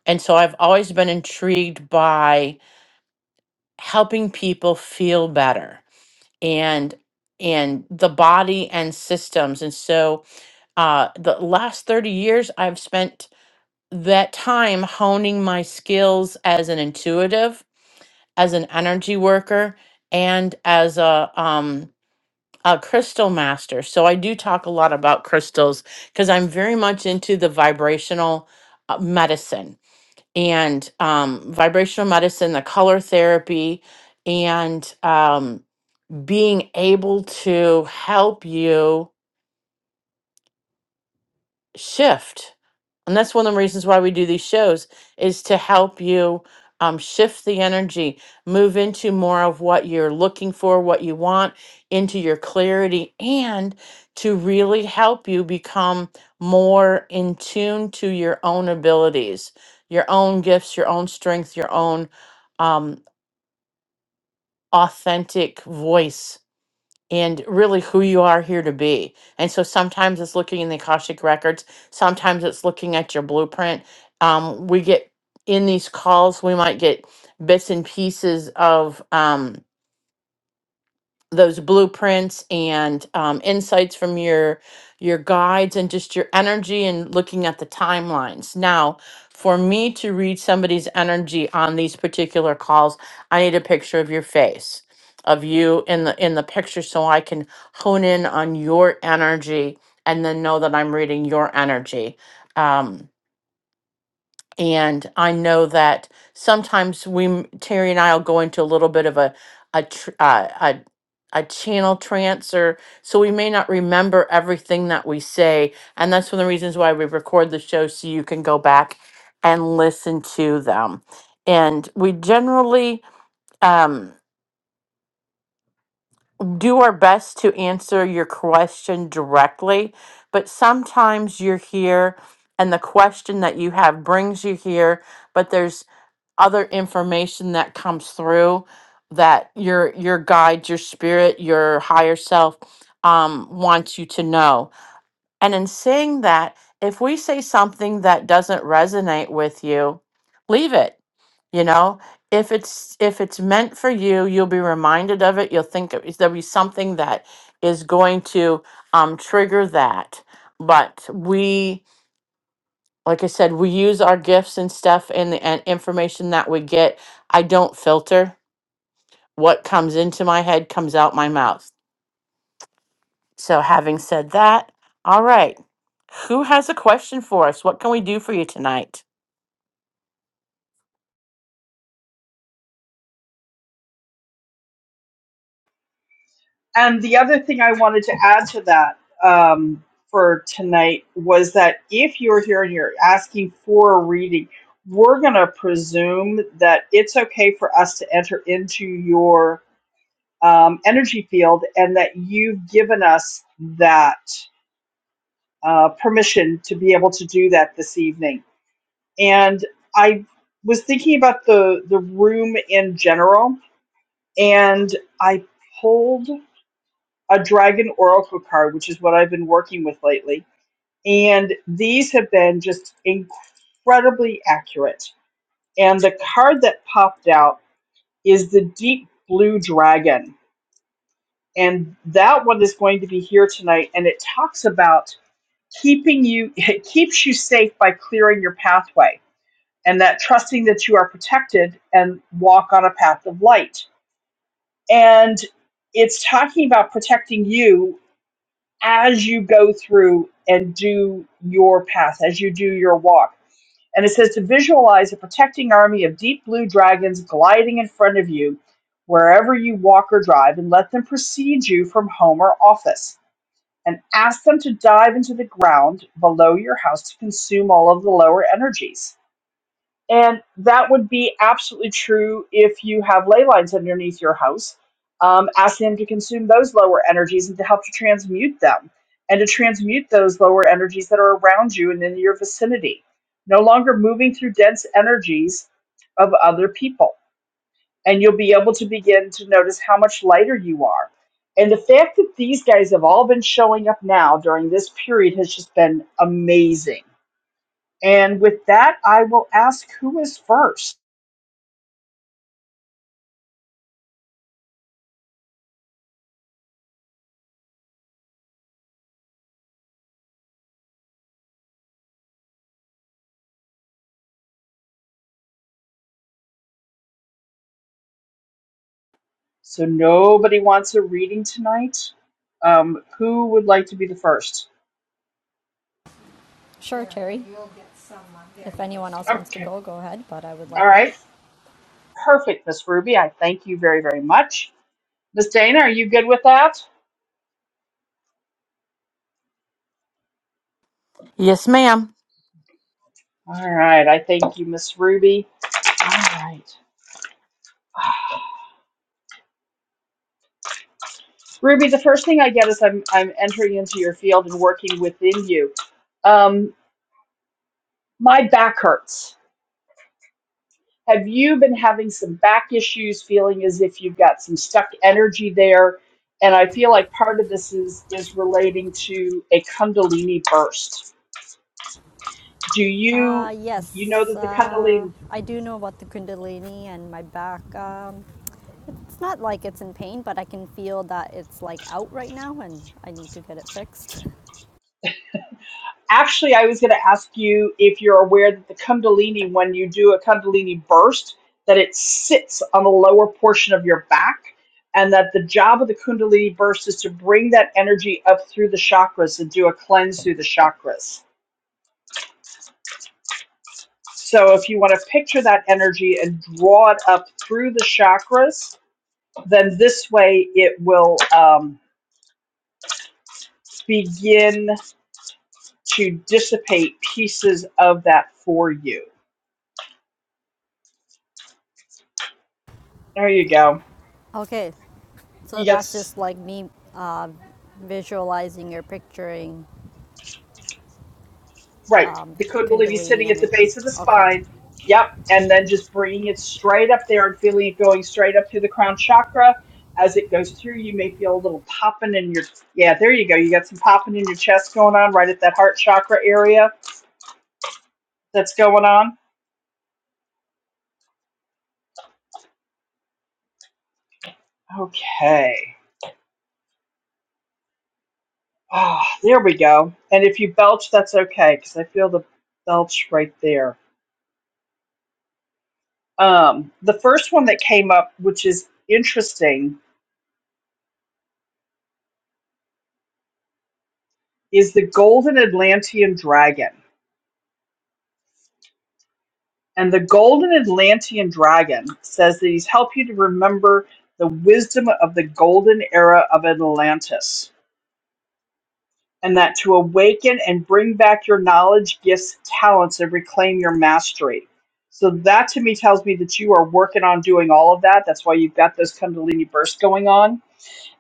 [SPEAKER 1] and so I've always been intrigued by helping people feel better and and the body and systems and so uh the last 30 years i've spent that time honing my skills as an intuitive as an energy worker and as a um a crystal master so i do talk a lot about crystals because i'm very much into the vibrational uh, medicine and um vibrational medicine the color therapy and um being able to help you shift. And that's one of the reasons why we do these shows is to help you um, shift the energy, move into more of what you're looking for, what you want, into your clarity, and to really help you become more in tune to your own abilities, your own gifts, your own strength, your own um, authentic voice and really who you are here to be. And so sometimes it's looking in the Akashic records, sometimes it's looking at your blueprint. Um, we get in these calls, we might get bits and pieces of. Um, those blueprints and um, insights from your your guides and just your energy and looking at the timelines now for me to read somebody's energy on these particular calls i need a picture of your face of you in the in the picture so i can hone in on your energy and then know that i'm reading your energy Um, and I know that sometimes we, m- Terry and I will go into a little bit of a, a, tr- uh, a, a channel trance or, so we may not remember everything that we say. And that's one of the reasons why we record the show so you can go back and listen to them. And we generally, um, do our best to answer your question directly, but sometimes you're here and the question that you have brings you here, but there's other information that comes through that your your guide your spirit your higher self um, wants you to know and in saying that if we say something that doesn't resonate with you leave it you know if it's if it's meant for you you'll be reminded of it you'll think it- there'll be something that is going to um, trigger that but we like I said, we use our gifts and stuff and the and information that we get. I don't filter. What comes into my head comes out my mouth. So, having said that, all right. Who has a question for us? What can we do for you tonight?
[SPEAKER 2] And the other thing I wanted to add to that um, for tonight was that if you're here and you're asking for a reading, we're going to presume that it's okay for us to enter into your um, energy field and that you've given us that uh, permission to be able to do that this evening. And I was thinking about the, the room in general, and I pulled a dragon oracle card, which is what I've been working with lately. And these have been just incredibly accurate. And the card that popped out is the deep blue dragon. And that one is going to be here tonight. And it talks about keeping you, [laughs] it keeps you safe by clearing your pathway and that trusting that you are protected and walk on a path of light. And it's talking about protecting you as you go through and do your path, as you do your walk. And it says to visualize a protecting army of deep blue dragons gliding in front of you wherever you walk or drive, and let them precede you from home or office. And ask them to dive into the ground below your house to consume all of the lower energies. And that would be absolutely true if you have ley lines underneath your house. Um, ask them to consume those lower energies and to help to transmute them and to transmute those lower energies that are around you and in your vicinity. No longer moving through dense energies of other people. And you'll be able to begin to notice how much lighter you are. And the fact that these guys have all been showing up now during this period has just been amazing. And with that, I will ask who is first. So nobody wants a reading tonight. Um, who would like to be the first?
[SPEAKER 6] Sure, Terry. If anyone else wants to
[SPEAKER 2] Okay.
[SPEAKER 6] go, go ahead, but I would
[SPEAKER 2] All
[SPEAKER 6] like one.
[SPEAKER 2] right. Perfect, Miss Ruby. I thank you very, very much. Miss Dana, are you good with that?
[SPEAKER 1] Yes, ma'am.
[SPEAKER 2] All right. I thank you, Miss Ruby. All right. Ruby, the first thing I get is I'm I'm entering into your field and working within you. Um, my back hurts Have you been having some back issues, feeling as if you've got some stuck energy there? And I feel like part of this is is relating to a Kundalini burst. Do you
[SPEAKER 6] Uh,
[SPEAKER 2] you know
[SPEAKER 6] yes.
[SPEAKER 2] that the
[SPEAKER 6] Uh,
[SPEAKER 2] Kundalini?
[SPEAKER 6] I do know about the Kundalini and my back. Um, it's not like it's in pain, but I can feel that it's like out right now and I need to get it fixed.
[SPEAKER 2] Actually, I was going to ask you if you're aware that the Kundalini, when you do a Kundalini burst, that it sits on the lower portion of your back and that the job of the kundalini burst is to bring that energy up through the chakras and do a cleanse through the chakras So if you want to picture that energy and draw it up through the chakras, then this way it will um, begin to dissipate pieces of that for you. There you go.
[SPEAKER 6] [laughs] okay, so that's
[SPEAKER 2] Yes.
[SPEAKER 6] just like me uh, visualizing or picturing
[SPEAKER 2] Right.
[SPEAKER 6] um,
[SPEAKER 2] The
[SPEAKER 6] the
[SPEAKER 2] Kundalini
[SPEAKER 6] Kundalini
[SPEAKER 2] sitting at the base
[SPEAKER 6] energy.
[SPEAKER 2] of the
[SPEAKER 6] Okay.
[SPEAKER 2] spine. Yep. And then just bringing it straight up there and feeling it going straight up through the crown chakra. As it goes through, you may feel a little popping in your. Yeah, there you go. You got some popping in your chest going on right at that heart chakra area that's going on? Okay. Ah, oh, there we go. And if you belch, that's okay because I feel the belch right there. Um, the first one that came up, which is interesting, is the Golden Atlantean Dragon. And the Golden Atlantean Dragon says that he's helped you to remember the wisdom of the golden era of Atlantis. and that to awaken and bring back your knowledge, gifts, talents, and reclaim your mastery. So that to me tells me that you are working on doing all of that. That's why you've got this Kundalini burst going on.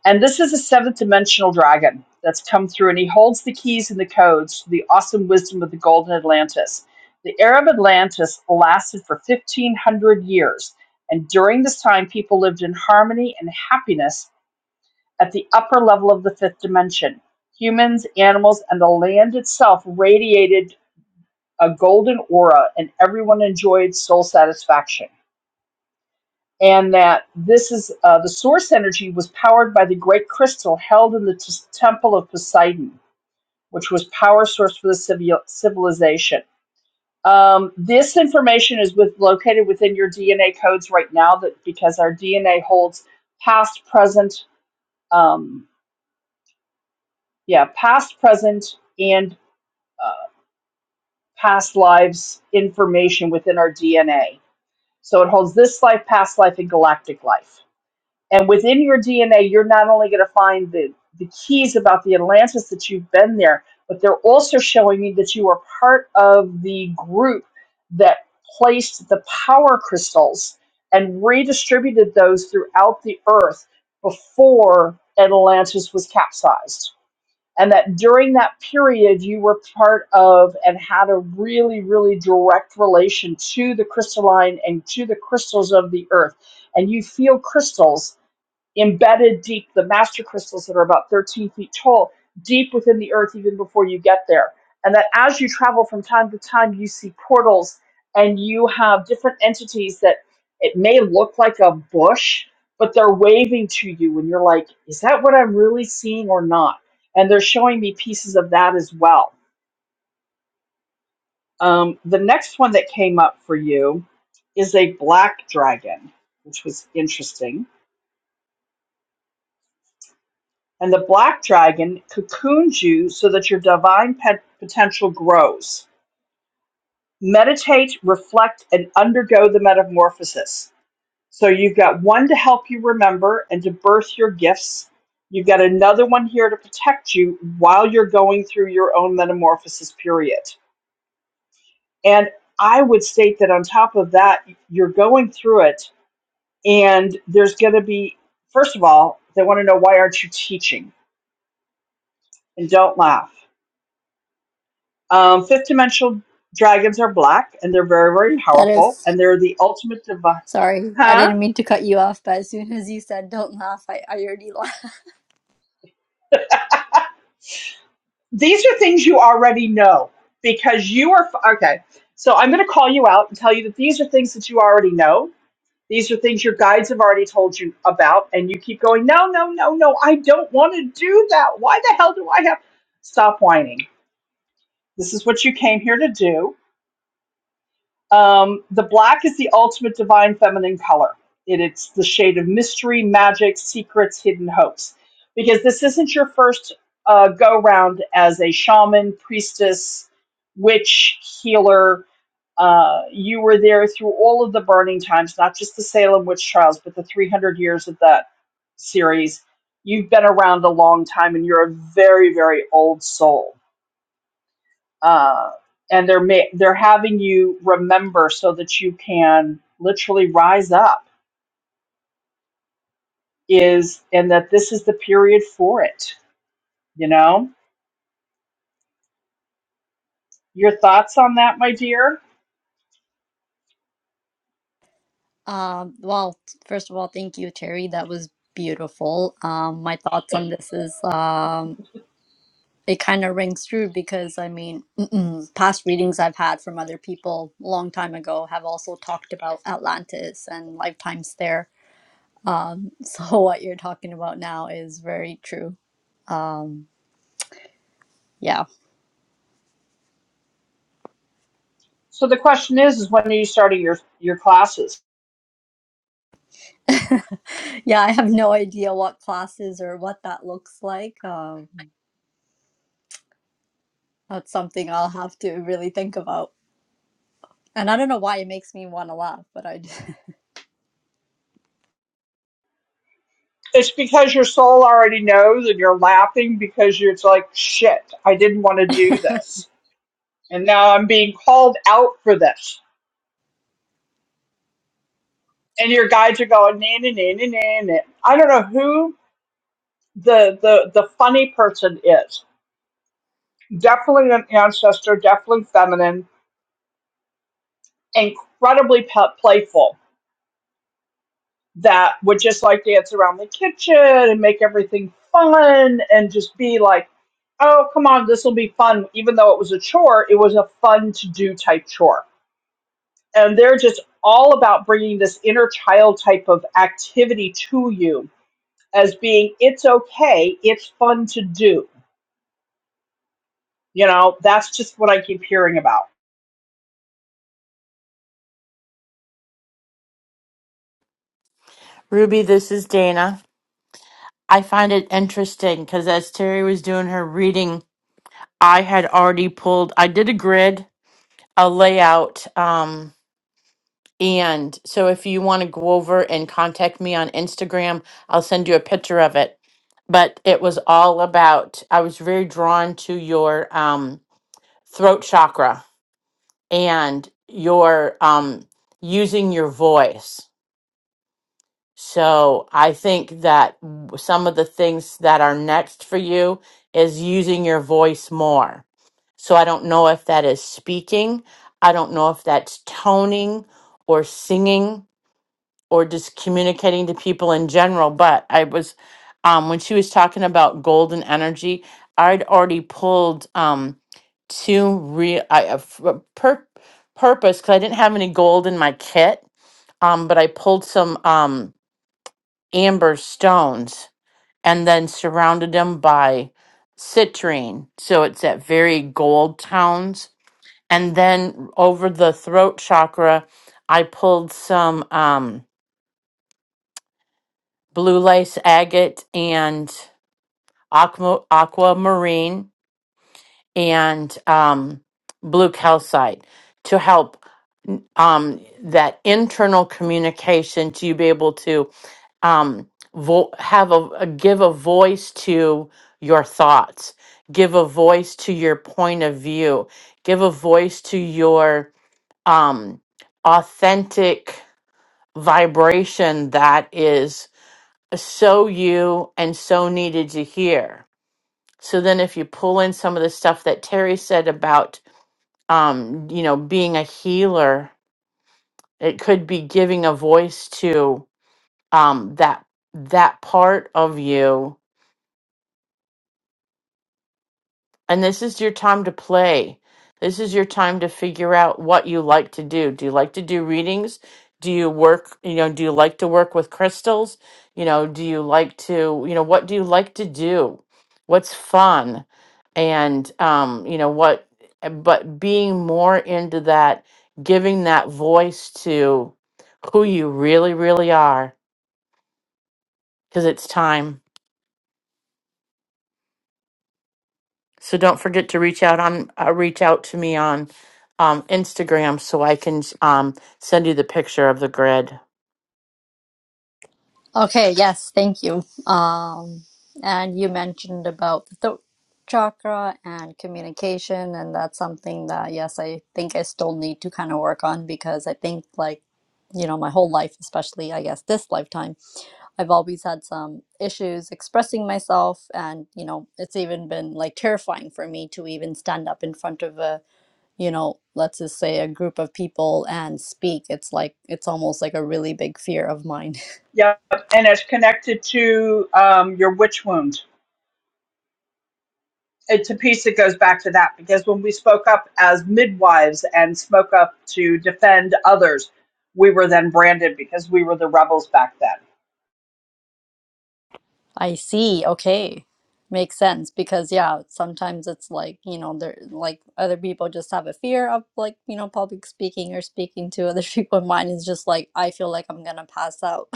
[SPEAKER 2] And this is a seventh dimensional dragon that's come through, and he holds the keys and the codes to the awesome wisdom of the Golden Atlantis. The era of Atlantis lasted for 1,500 years. And during this time, people lived in harmony and happiness at the upper level of the fifth dimension. Humans, animals, and the land itself radiated a golden aura, and everyone enjoyed soul satisfaction. And that this is uh, the source energy was powered by the great crystal held in the t- temple of Poseidon, which was power source for the civil- civilization. Um, this information is with, located within your DNA codes right now, that because our DNA holds past, present, um, yeah, past, present, and uh, past lives information within our DNA. So it holds this life, past life, and galactic life. And within your DNA, you're not only going to find the, the keys about the Atlantis that you've been there, but they're also showing you that you are part of the group that placed the power crystals and redistributed those throughout the earth before Atlantis was capsized and that during that period you were part of and had a really really direct relation to the crystalline and to the crystals of the earth and you feel crystals embedded deep, the master crystals that are about 13 feet tall, deep within the earth even before you get there. And that as you travel from time to time, you see portals and you have different entities that it may look like a bush, but they're waving to you. And you're like, is that what I'm really seeing or not? And they're showing me pieces of that as well. Um, the next one that came up for you is a black dragon, which was interesting and the black dragon cocoons you so that your divine pet potential grows. Meditate, reflect, and undergo the metamorphosis. So you've got one to help you remember and to birth your gifts. You've got another one here to protect you while you're going through your own metamorphosis period. And I would state that on top of that, you're going through it, and there's going to be, first of all, they want to know why aren't you teaching? And don't laugh Um, fifth dimensional dragons are black and they're very, very
[SPEAKER 6] That is
[SPEAKER 2] powerful and they're the ultimate divine.
[SPEAKER 6] Sorry, I
[SPEAKER 2] Huh?
[SPEAKER 6] didn't mean to cut you off, but as soon as you said don't laugh, I, I already [laughs] laughed.
[SPEAKER 2] These are things you already know because you are. f- Okay. So I'm going to call you out and tell you that these are things that you already know. These are things your guides have already told you about. And you keep going, no, no, no, no. I don't want to do that. Why the hell do I have. Stop whining. This is what you came here to do Um, the black is the ultimate divine feminine color. It, it's the shade of mystery, magic, secrets, hidden hopes. Because this isn't your first uh, go round as a shaman, priestess, witch, healer. Uh, you were there through all of the burning times, not just the Salem witch trials, but the 300 years of that series. You've been around a long time and you're a very, very old soul uh, and they're ma- they're having you remember so that you can literally rise up is and that this is the period for it you know your thoughts on that my dear
[SPEAKER 6] Um, well, first of all, thank you, Terry. That was beautiful. Um, my thoughts on this is uh, it kind of rings true because I mean, [clears throat] past readings I've had from other people a long time ago have also talked about Atlantis and lifetimes there. [laughs] So what you're talking about now is very true. Yeah.
[SPEAKER 2] so the question is is when are you starting your your classes
[SPEAKER 6] Yeah, I have no idea what classes or what that looks like. Um, that's something I'll have to really think about. And I don't know why it makes me want to laugh, but I do. [laughs]
[SPEAKER 2] it's because your soul already knows and you're laughing because you it's like shit i didn't want to do this and now i'm being called out for this and your guides are going na na na na na na i don't know who the the the funny person is definitely an ancestor, definitely feminine, incredibly pe- playful, that would just like dance around the kitchen and make everything fun and just be like, oh, come on, this will be fun. Even though it was a chore, it was a fun to do type chore. And they're just all about bringing this inner child type of activity to you as being, it's okay, it's fun to do. You know, that's just what I keep hearing about.
[SPEAKER 1] Ruby, this is Dana. I find it interesting because as Terry was doing her reading, I had already pulled, I did a grid, a layout. Um, And so if you want to go over and contact me on Instagram, I'll send you a picture of it. But it was all about I was very drawn to your um throat chakra and your um using your voice. So I think that w- some of the things that are next for you is using your voice more. So I don't know if that is speaking, I don't know if that's toning or singing or just communicating to people in general. But I was, um, when she was talking about golden energy, I'd already pulled um, two real I, a f- a pur- purpose because I didn't have any gold in my kit, um, but I pulled some um, amber stones and then surrounded them by citrine. So it's that very gold tones. And then over the throat chakra, I pulled some. Um, blue lace agate and aqua, aquamarine and um, blue calcite to help um, that internal communication to you be able to um, vo- have a, a give a voice to your thoughts give a voice to your point of view give a voice to your um, authentic vibration that is so you and so needed to hear. So then, if you pull in some of the stuff that Terry said about, um, you know, being a healer, it could be giving a voice to um, that that part of you And this is your time to play. This is your time to figure out what you like to do. Do you like to do readings? Do you work, you know, do you like to work with crystals? You know, do you like to, you know, what do you like to do? What's fun? And um, you know, what but being more into that, giving that voice to who you really really are because it's time. So don't forget to reach out on uh, reach out to me on um, Instagram so I can um, send you the picture of the grid.
[SPEAKER 6] Okay, yes, thank you. Um, and you mentioned about the throat chakra and communication, and that's something that, yes, I think I still need to kind of work on because I think, like, you know, my whole life, especially, I guess, this lifetime, I've always had some issues expressing myself. And, you know, it's even been like terrifying for me to even stand up in front of a you know, let's just say a group of people and speak, it's like it's almost like a really big fear of mine.
[SPEAKER 2] Yep, and it's connected to um, your witch wound. It's a piece that goes back to that because when we spoke up as midwives and spoke up to defend others, we were then branded because we were the rebels back then.
[SPEAKER 6] [laughs] I see. Okay. Makes sense because yeah, sometimes it's like, you know, there like other people just have a fear of like, you know, public speaking or speaking to other [laughs] people. Mine is just like I feel like I'm gonna pass out.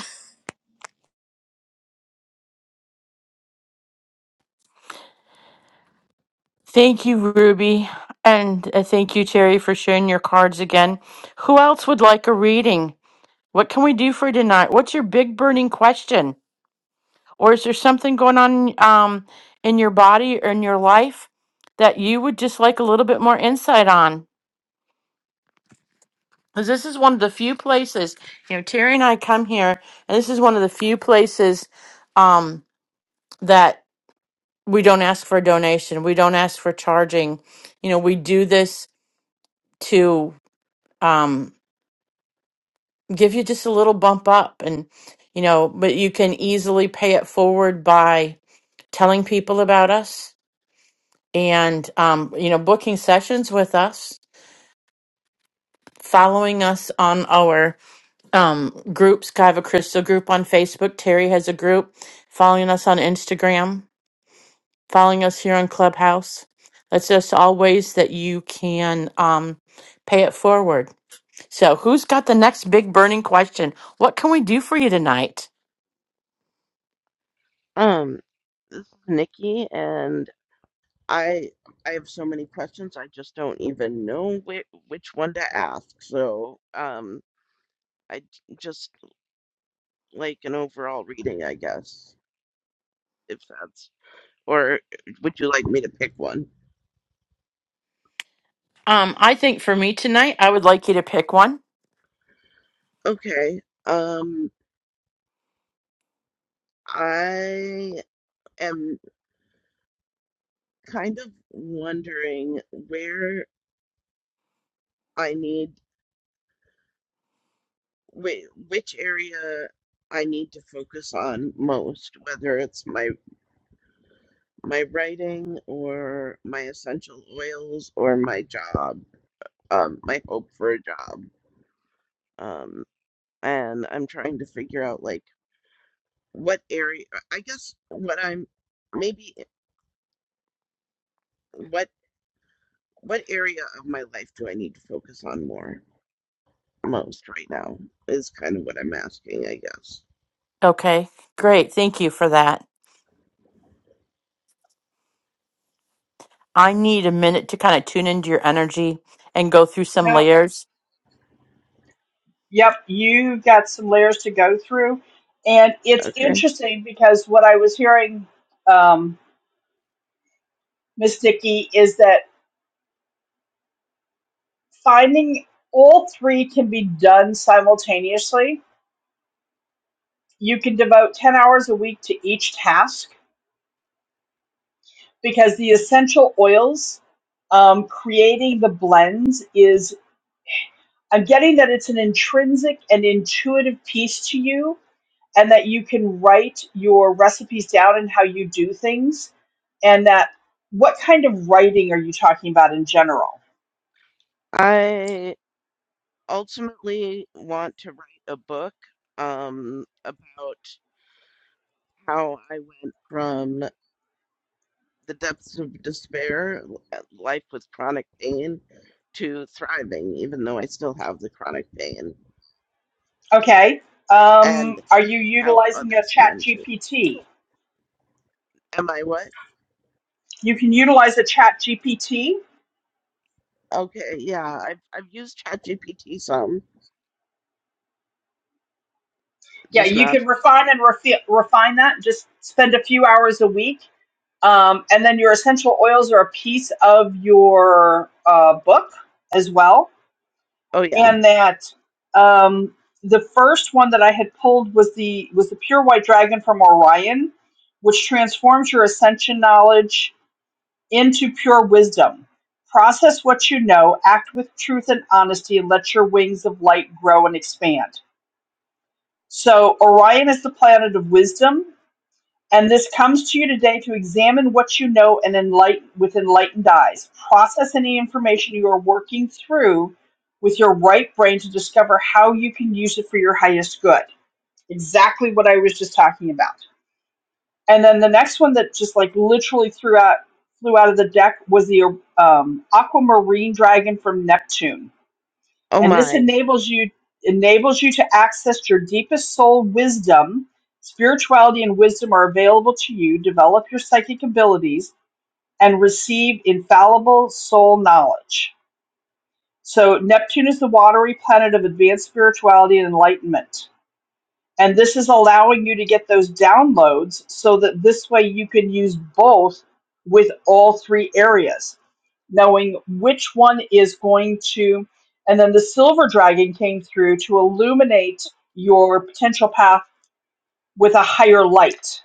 [SPEAKER 1] Thank you, Ruby, and uh, thank you, Terry, for sharing your cards again. Who else would like a reading? What can we do for you tonight? What's your big burning question, or is there something going on um, in your body or in your life that you would just like a little bit more insight on? because this is one of the few places you know terry and i come here and this is one of the few places um that we don't ask for a donation we don't ask for charging you know we do this to um give you just a little bump up and you know but you can easily pay it forward by telling people about us and um you know booking sessions with us following us on our um, groups. I have a crystal group on Facebook. Terry has a group. Following us on Instagram. Following us here on Clubhouse. That's just all ways that you can um, pay it forward. So, who's got the next big burning question? What can we do for you tonight?
[SPEAKER 7] Um, this is Nikki, and I I have so many questions. I just don't even know which which one to ask. So, um, I j- just like an overall reading, I guess, if that's or would you like me to pick one?
[SPEAKER 1] Um, I think for me tonight, I would like you to pick one.
[SPEAKER 7] Okay. Um, I am kind of wondering where I need. wait, which area I need to focus on most, whether it's my my writing or my essential oils or my job, um, my hope for a job. Um, and I'm trying to figure out like what area, I guess what I'm maybe what what area of my life do I need to focus on more most right now is kind of what I'm asking, I guess.
[SPEAKER 1] Okay, great. Thank you for that. I need a minute to kind of tune into your energy and go through some
[SPEAKER 2] Now,
[SPEAKER 1] layers
[SPEAKER 2] yep, you got some layers to go through, and it's
[SPEAKER 7] Okay.
[SPEAKER 2] interesting because what I was hearing, um, Miss Nikki, is that finding all three can be done simultaneously. You can devote ten hours a week to each task because the essential oils, um, creating the blends is, I'm getting that it's an intrinsic and intuitive piece to you, and that you can write your recipes down and how you do things, and that what kind of writing are you talking about in general?
[SPEAKER 7] I ultimately want to write a book um, about how I went from the depths of despair, l- uh, life with chronic pain, to thriving, even though I still have the chronic pain,
[SPEAKER 2] Okay. Um,
[SPEAKER 7] and
[SPEAKER 2] are you
[SPEAKER 7] how
[SPEAKER 2] utilizing a
[SPEAKER 7] others
[SPEAKER 2] chat
[SPEAKER 7] can too.
[SPEAKER 2] GPT?
[SPEAKER 7] Am I what?
[SPEAKER 2] You can utilize a chat GPT.
[SPEAKER 7] Okay, yeah, I've I've used ChatGPT some,
[SPEAKER 2] Yeah,
[SPEAKER 7] just
[SPEAKER 2] you
[SPEAKER 7] not.
[SPEAKER 2] can refine and refi- refine that. Just spend a few hours a week Um, and then your essential oils are a piece of your uh, book as well.
[SPEAKER 7] Oh yeah.
[SPEAKER 2] And that um, the first one that I had pulled was the was the pure white dragon from Orion, which transforms your ascension knowledge into pure wisdom. Process what you know, act with truth and honesty, and let your wings of light grow and expand. So Orion is the planet of wisdom, and this comes to you today to examine what you know and enlighten with enlightened eyes. Process any information you are working through with your right brain to discover how you can use it for your highest good. Exactly what I was just talking about. And then the next one that just like literally threw out flew out of the deck was the um, aquamarine dragon from Neptune
[SPEAKER 7] Oh
[SPEAKER 2] and this
[SPEAKER 7] my.
[SPEAKER 2] enables you enables you to access your deepest soul wisdom spirituality and wisdom are available to you develop your psychic abilities and receive infallible soul knowledge so neptune is the watery planet of advanced spirituality and enlightenment and this is allowing you to get those downloads so that this way you can use both with all three areas, knowing which one is going to. And then the silver dragon came through to illuminate your potential path with a higher light.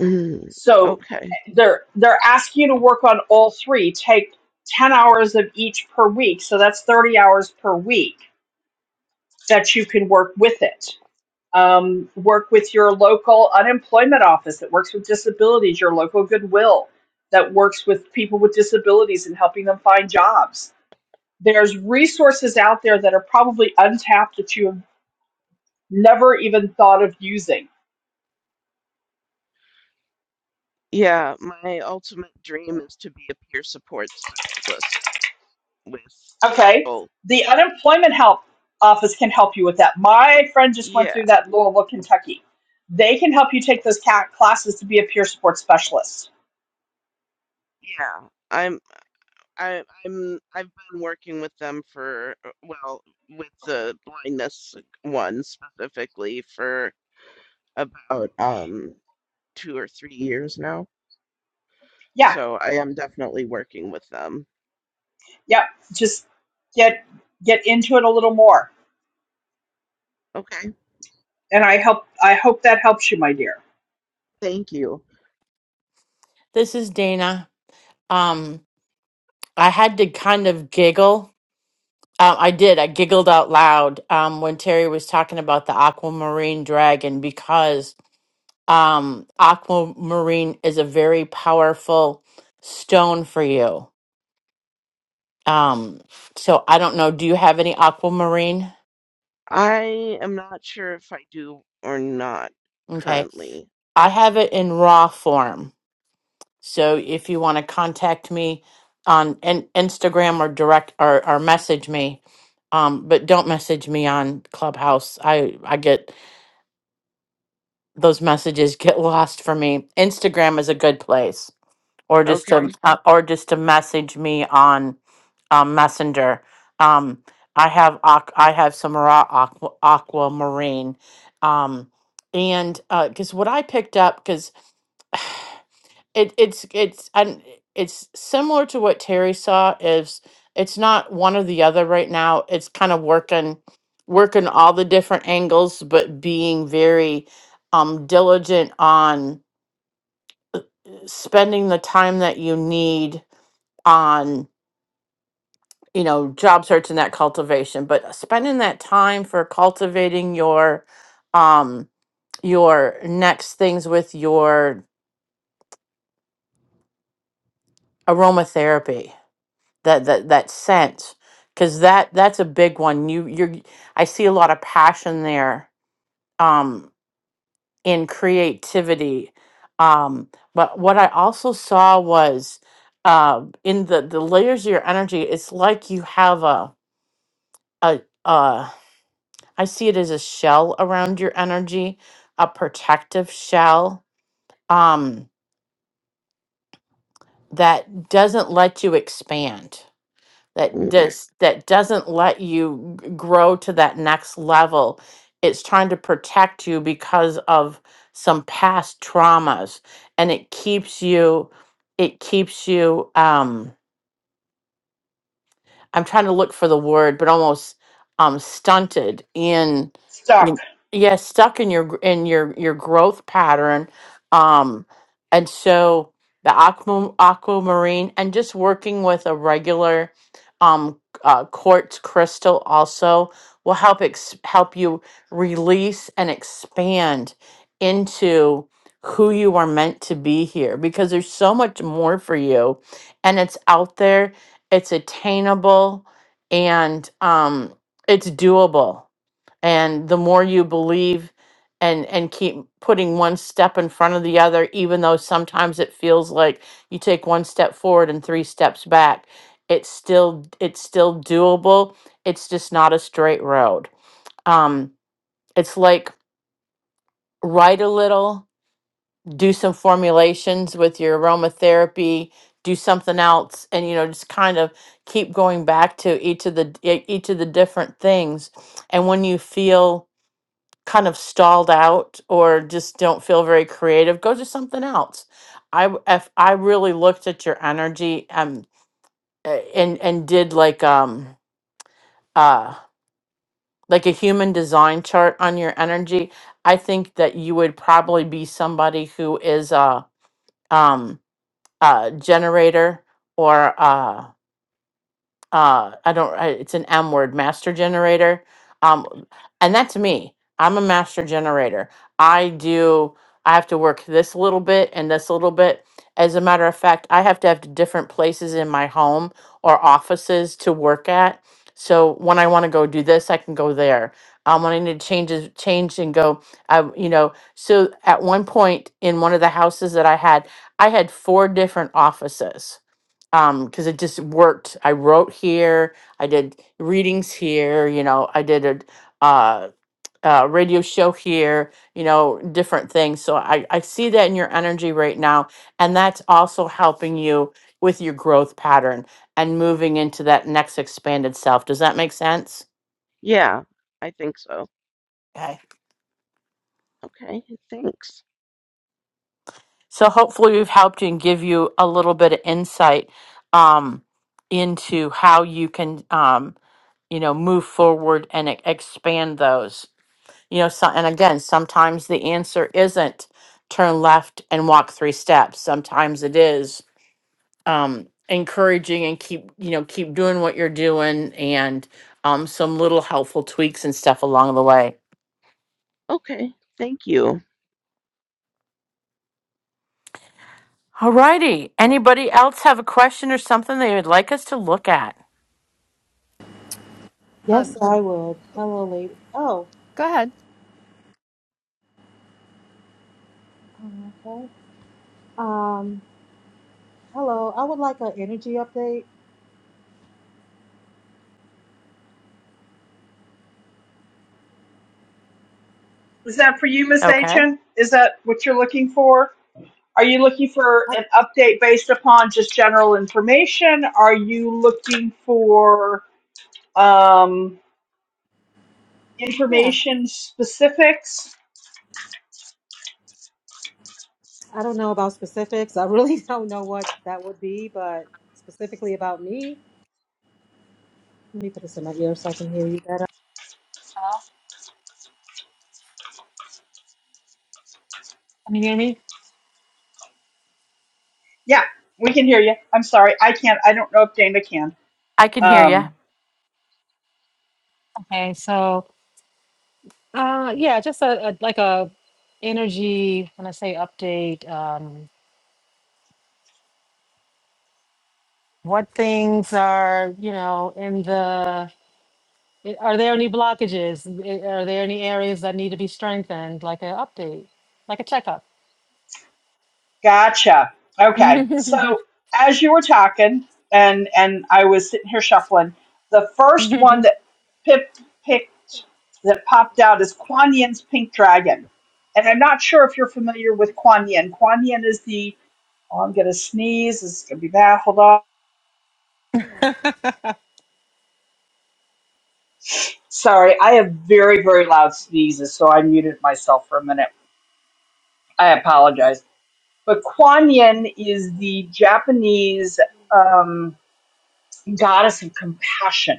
[SPEAKER 7] Mm,
[SPEAKER 2] So
[SPEAKER 7] okay.
[SPEAKER 2] they're they're asking you to work on all three. Take 10 hours of each per week. So that's 30 hours per week that you can work with it um, work with your local unemployment office that works with disabilities, your local Goodwill that works with people with disabilities and helping them find jobs. There's resources out there that are probably untapped that you have never even thought of using.
[SPEAKER 7] Yeah, my ultimate dream is to be a peer support specialist with
[SPEAKER 2] Okay,
[SPEAKER 7] people.
[SPEAKER 2] the unemployment help office can help you with that. My friend just went
[SPEAKER 7] Yeah,
[SPEAKER 2] through that in Louisville, Kentucky. They can help you take those ca- classes to be a peer support specialist.
[SPEAKER 7] yeah. I'm I I'm I've been working with them for uh, well, with the blindness one specifically for about um two or three years now.
[SPEAKER 2] Yeah,
[SPEAKER 7] So I am definitely working with them.
[SPEAKER 2] yeah, just get get into it a little more
[SPEAKER 7] Okay,
[SPEAKER 2] And I help I hope that helps you, my dear.
[SPEAKER 7] thank you.
[SPEAKER 1] This is Dana. Um, I had to kind of giggle. Um, I did. I giggled out loud um, when Terry was talking about the aquamarine dragon because um, aquamarine is a very powerful stone for you. Um, so I don't know. Do you have any aquamarine?
[SPEAKER 7] I am not sure if I do or not
[SPEAKER 1] Okay.
[SPEAKER 7] currently.
[SPEAKER 1] I have it in raw form. So if you want to contact me on in- Instagram or direct or, or message me, um, but don't message me on Clubhouse. I I get those messages [laughs] get lost for me. Instagram is a good place, or just to
[SPEAKER 7] Okay.
[SPEAKER 1] uh, or just to message me on um, Messenger. Um, I have aqu- I have some raw aqua, aquamarine, um, and because what I picked up because. [sighs] it it's it's and it's similar to what Terry saw is it's not one or the other right now. It's kind of working working all the different angles but being very um diligent on spending the time that you need on you know job search and that cultivation but spending that time for cultivating your um your next things with your aromatherapy that that that sense because that that's a big one you you're i see a lot of passion there um in creativity um but what i also saw was uh in the the layers of your energy it's like you have a a uh i see it as a shell around your energy a protective shell um that doesn't let you expand that
[SPEAKER 7] Mm,
[SPEAKER 1] does that doesn't let you g- grow to that next level it's trying to protect you because of some past traumas and it keeps you it keeps you um, I'm trying to look for the word, but almost um stunted in
[SPEAKER 2] Stuck.
[SPEAKER 1] in- yeah, stuck in your gr- in your your growth pattern. Um and so the aqua aquamarine and just working with a regular um uh, quartz crystal also will help ex- help you release and expand into who you are meant to be here because there's so much more for you and it's out there it's attainable and um, it's doable and the more you believe and and keep putting one step in front of the other even though sometimes it feels like you take one step forward and three steps back it's still it's still doable it's just not a straight road um, it's like write a little do some formulations with your aromatherapy do something else and you know just kind of keep going back to each of the d- e- each of the different things and when you feel kind of stalled out or just don't feel very creative go to something else i w- if i really looked at your energy um a- and and did like um uh like a human design chart on your energy i think that you would probably be somebody who is uh um uh, generator or uh, uh i don't I, it's an m word master generator um and that's me i'm a master generator i do i have to work this little bit and this little bit as a matter of fact i have to have different places in my home or offices to work at so when i want to go do this i can go there um, when i need to change is- change and go i you know so at one point in one of the houses that i had i had four different offices um because it just worked i wrote here i did readings here you know i did a uh, uh radio show here you know different things so i i see that in your energy right now and that's also helping you with your growth pattern and moving into that next expanded self does that make sense
[SPEAKER 7] Yeah, I think so.
[SPEAKER 1] okay
[SPEAKER 7] Okay, thanks.
[SPEAKER 1] so hopefully we've helped you and give you a little bit of insight um into how you can um you know move forward and e- expand those You know, so, and again, sometimes the answer isn't turn left and walk three steps. Sometimes it is um, encouraging and keep, you know, keep doing what you're doing and um, some little helpful tweaks and stuff along the way.
[SPEAKER 7] Okay, thank you.
[SPEAKER 1] All righty. Anybody else have a question or something they would like us to look at?
[SPEAKER 8] Yes,
[SPEAKER 5] Um,
[SPEAKER 8] I would. Hello, lady. Oh,
[SPEAKER 5] go ahead.
[SPEAKER 8] okay. Um, hello. I would like an energy update.
[SPEAKER 2] Is that for you, Miss
[SPEAKER 1] Okay.
[SPEAKER 2] Aitchen? Is that what you're looking for? Are you looking for
[SPEAKER 8] I,
[SPEAKER 2] an update based upon just general information? Are you looking for um,
[SPEAKER 8] yeah,
[SPEAKER 2] information specifics?
[SPEAKER 8] I don't know about specifics. I really [laughs] don't know what that would be, but specifically about me. Let me put this in my ear so I can hear you better. Hello? Can you hear me?
[SPEAKER 2] Yeah, we can hear you. I'm sorry, I can't. I don't know if Dana can.
[SPEAKER 1] I can hear you.
[SPEAKER 2] Um,
[SPEAKER 8] Okay, so uh, yeah, just a, a like a energy when I say update. Um, what things are you know in the I- Are there any blockages? I- Are there any areas that need to be strengthened, like an update, like a checkup?
[SPEAKER 2] Gotcha.
[SPEAKER 8] [laughs]
[SPEAKER 2] Okay. So
[SPEAKER 8] oh,
[SPEAKER 2] as you were talking, and and I was sitting here shuffling, the
[SPEAKER 8] [laughs]
[SPEAKER 2] first one that Pip picked that popped out is Kuan Yin's Pink Dragon, and I'm not sure if you're familiar with Kuan Yin. Kuan Yin is the oh, I'm gonna sneeze. This is gonna be bad. Hold on. Sorry, I have very very loud sneezes, so I muted myself for a minute. I apologize. But Kuan Yin is the Japanese um, goddess of compassion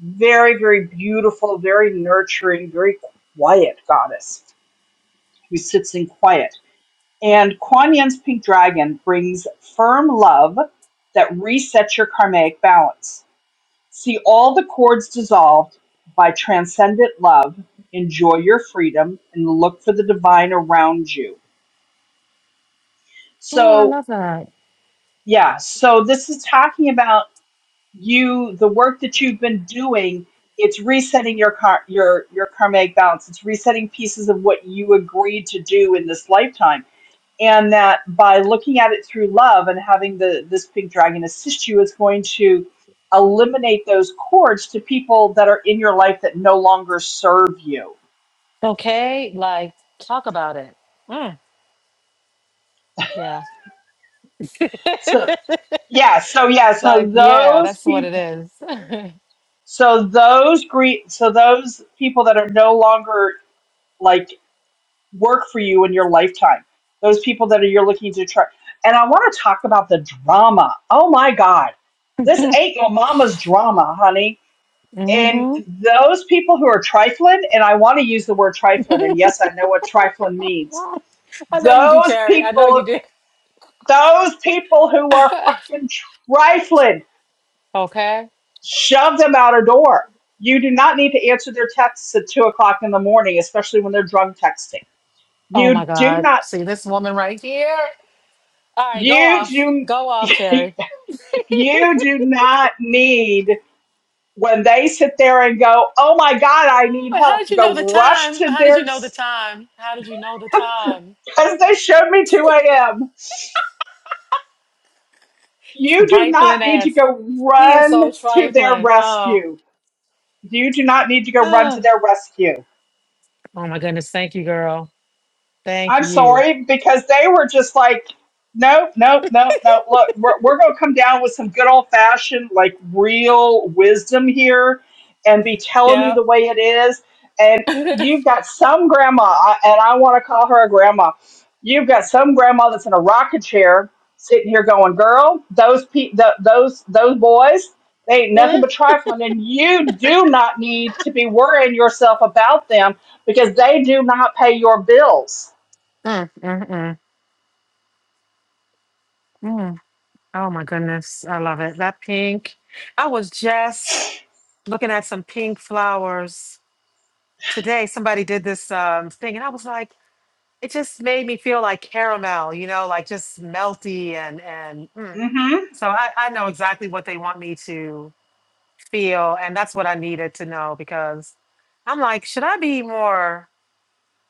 [SPEAKER 2] very, very beautiful, very nurturing, very quiet goddess who sits in quiet. And Kuan Yin's pink dragon brings firm love that resets your karmic balance. See all the cords dissolved by transcendent love. Enjoy your freedom and look for the divine around you.
[SPEAKER 8] I
[SPEAKER 2] So,
[SPEAKER 8] love that.
[SPEAKER 2] yeah, so this is talking about you the work that you've been doing it's resetting your car your your karmic balance it's resetting pieces of what you agreed to do in this lifetime and that by looking at it through love and having the this pink dragon assist you is going to eliminate those cords to people that are in your life that no longer serve you
[SPEAKER 8] Okay, like talk about it. Mm, yeah.
[SPEAKER 2] so
[SPEAKER 8] [laughs]
[SPEAKER 2] yeah so yeah so
[SPEAKER 8] like, yeah,
[SPEAKER 2] those
[SPEAKER 8] that's what it
[SPEAKER 2] people
[SPEAKER 8] is. [laughs]
[SPEAKER 2] so those gre- so those people that are no longer like work for you in your lifetime. Those people that are you're looking to try. And I want to talk about the drama. Oh my God. This ain't your mama's drama, honey. And
[SPEAKER 8] Mhm.
[SPEAKER 2] those people who are trifling, and I want to use the word trifling, and yes, I know what trifling means.
[SPEAKER 8] I know you do,
[SPEAKER 2] Those
[SPEAKER 8] Terry. I know
[SPEAKER 2] people,
[SPEAKER 8] you do.
[SPEAKER 2] those people who
[SPEAKER 8] [laughs]
[SPEAKER 2] are fucking trifling,
[SPEAKER 8] okay.
[SPEAKER 2] shove them out a door. You do not need to answer their texts at two o'clock in the morning, especially when they're drunk texting.
[SPEAKER 8] Oh my
[SPEAKER 2] You do
[SPEAKER 8] God.
[SPEAKER 2] not.
[SPEAKER 8] See this woman right here? All right, go
[SPEAKER 2] You
[SPEAKER 8] off.
[SPEAKER 2] do
[SPEAKER 8] Go off,
[SPEAKER 2] [laughs]
[SPEAKER 8] Terry.
[SPEAKER 2] you do not need when they sit there and go, "Oh my God, I need
[SPEAKER 8] Well, How
[SPEAKER 2] help,"
[SPEAKER 8] did
[SPEAKER 2] to
[SPEAKER 8] you
[SPEAKER 2] go
[SPEAKER 8] know the
[SPEAKER 2] rush
[SPEAKER 8] time?
[SPEAKER 2] to
[SPEAKER 8] How did you
[SPEAKER 2] their
[SPEAKER 8] know the time? How did you know the time?
[SPEAKER 2] because they showed me 2 a.m. You do not
[SPEAKER 8] Trifling
[SPEAKER 2] need to
[SPEAKER 8] ass.
[SPEAKER 2] go
[SPEAKER 8] He is so
[SPEAKER 2] run to their
[SPEAKER 8] trifling. Oh,
[SPEAKER 2] rescue. You do not need to
[SPEAKER 8] [sighs]
[SPEAKER 2] go run to
[SPEAKER 8] oh,
[SPEAKER 2] their rescue.
[SPEAKER 8] oh my goodness. Thank you, girl. Thank
[SPEAKER 2] I'm
[SPEAKER 8] you.
[SPEAKER 2] sorry because they were just like, nope, nope, nope, nope. Look, we're we're gonna come down with some good old fashioned, like real wisdom here, and be telling you
[SPEAKER 8] Yeah.
[SPEAKER 2] the way it is. And you've got some grandma, I- and I want to call her a grandma. You've got some grandma that's in a rocking chair, sitting here going, "Girl, those pe- th- those those boys." They ain't nothing
[SPEAKER 8] Mm,
[SPEAKER 2] but trifling, and you do not need to be worrying yourself about them because they do not pay your bills
[SPEAKER 8] mm, mm, mm, mm. Oh my goodness. I love it. That pink. I was just looking at some pink flowers today. Somebody did this um, thing, and I was like, it just made me feel like caramel, you know, like just melty and and. mm.
[SPEAKER 2] hmm
[SPEAKER 8] So I, I know exactly what they want me to feel. And that's what I needed to know because I'm like, should I be more?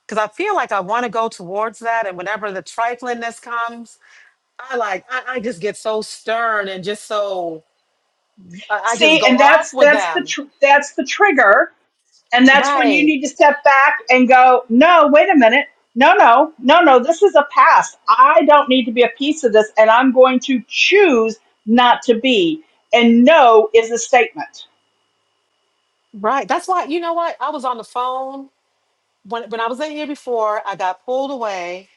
[SPEAKER 8] Because I feel like I want to go towards that. And whenever the triflingness comes, I like, I, I just get so stern and just so, I, I just
[SPEAKER 2] See,
[SPEAKER 8] go
[SPEAKER 2] and
[SPEAKER 8] off
[SPEAKER 2] that's
[SPEAKER 8] with
[SPEAKER 2] that's the
[SPEAKER 8] them.
[SPEAKER 2] tr- that's the trigger, and that's when you
[SPEAKER 8] Right.
[SPEAKER 2] need to step back and go, no, wait a minute, no, no, no, no, this is a past. I don't need to be a piece of this, and I'm going to choose not to be. And no is a statement.
[SPEAKER 8] Right. That's why, you know what? I was on the phone when, when I was in here before, I got pulled away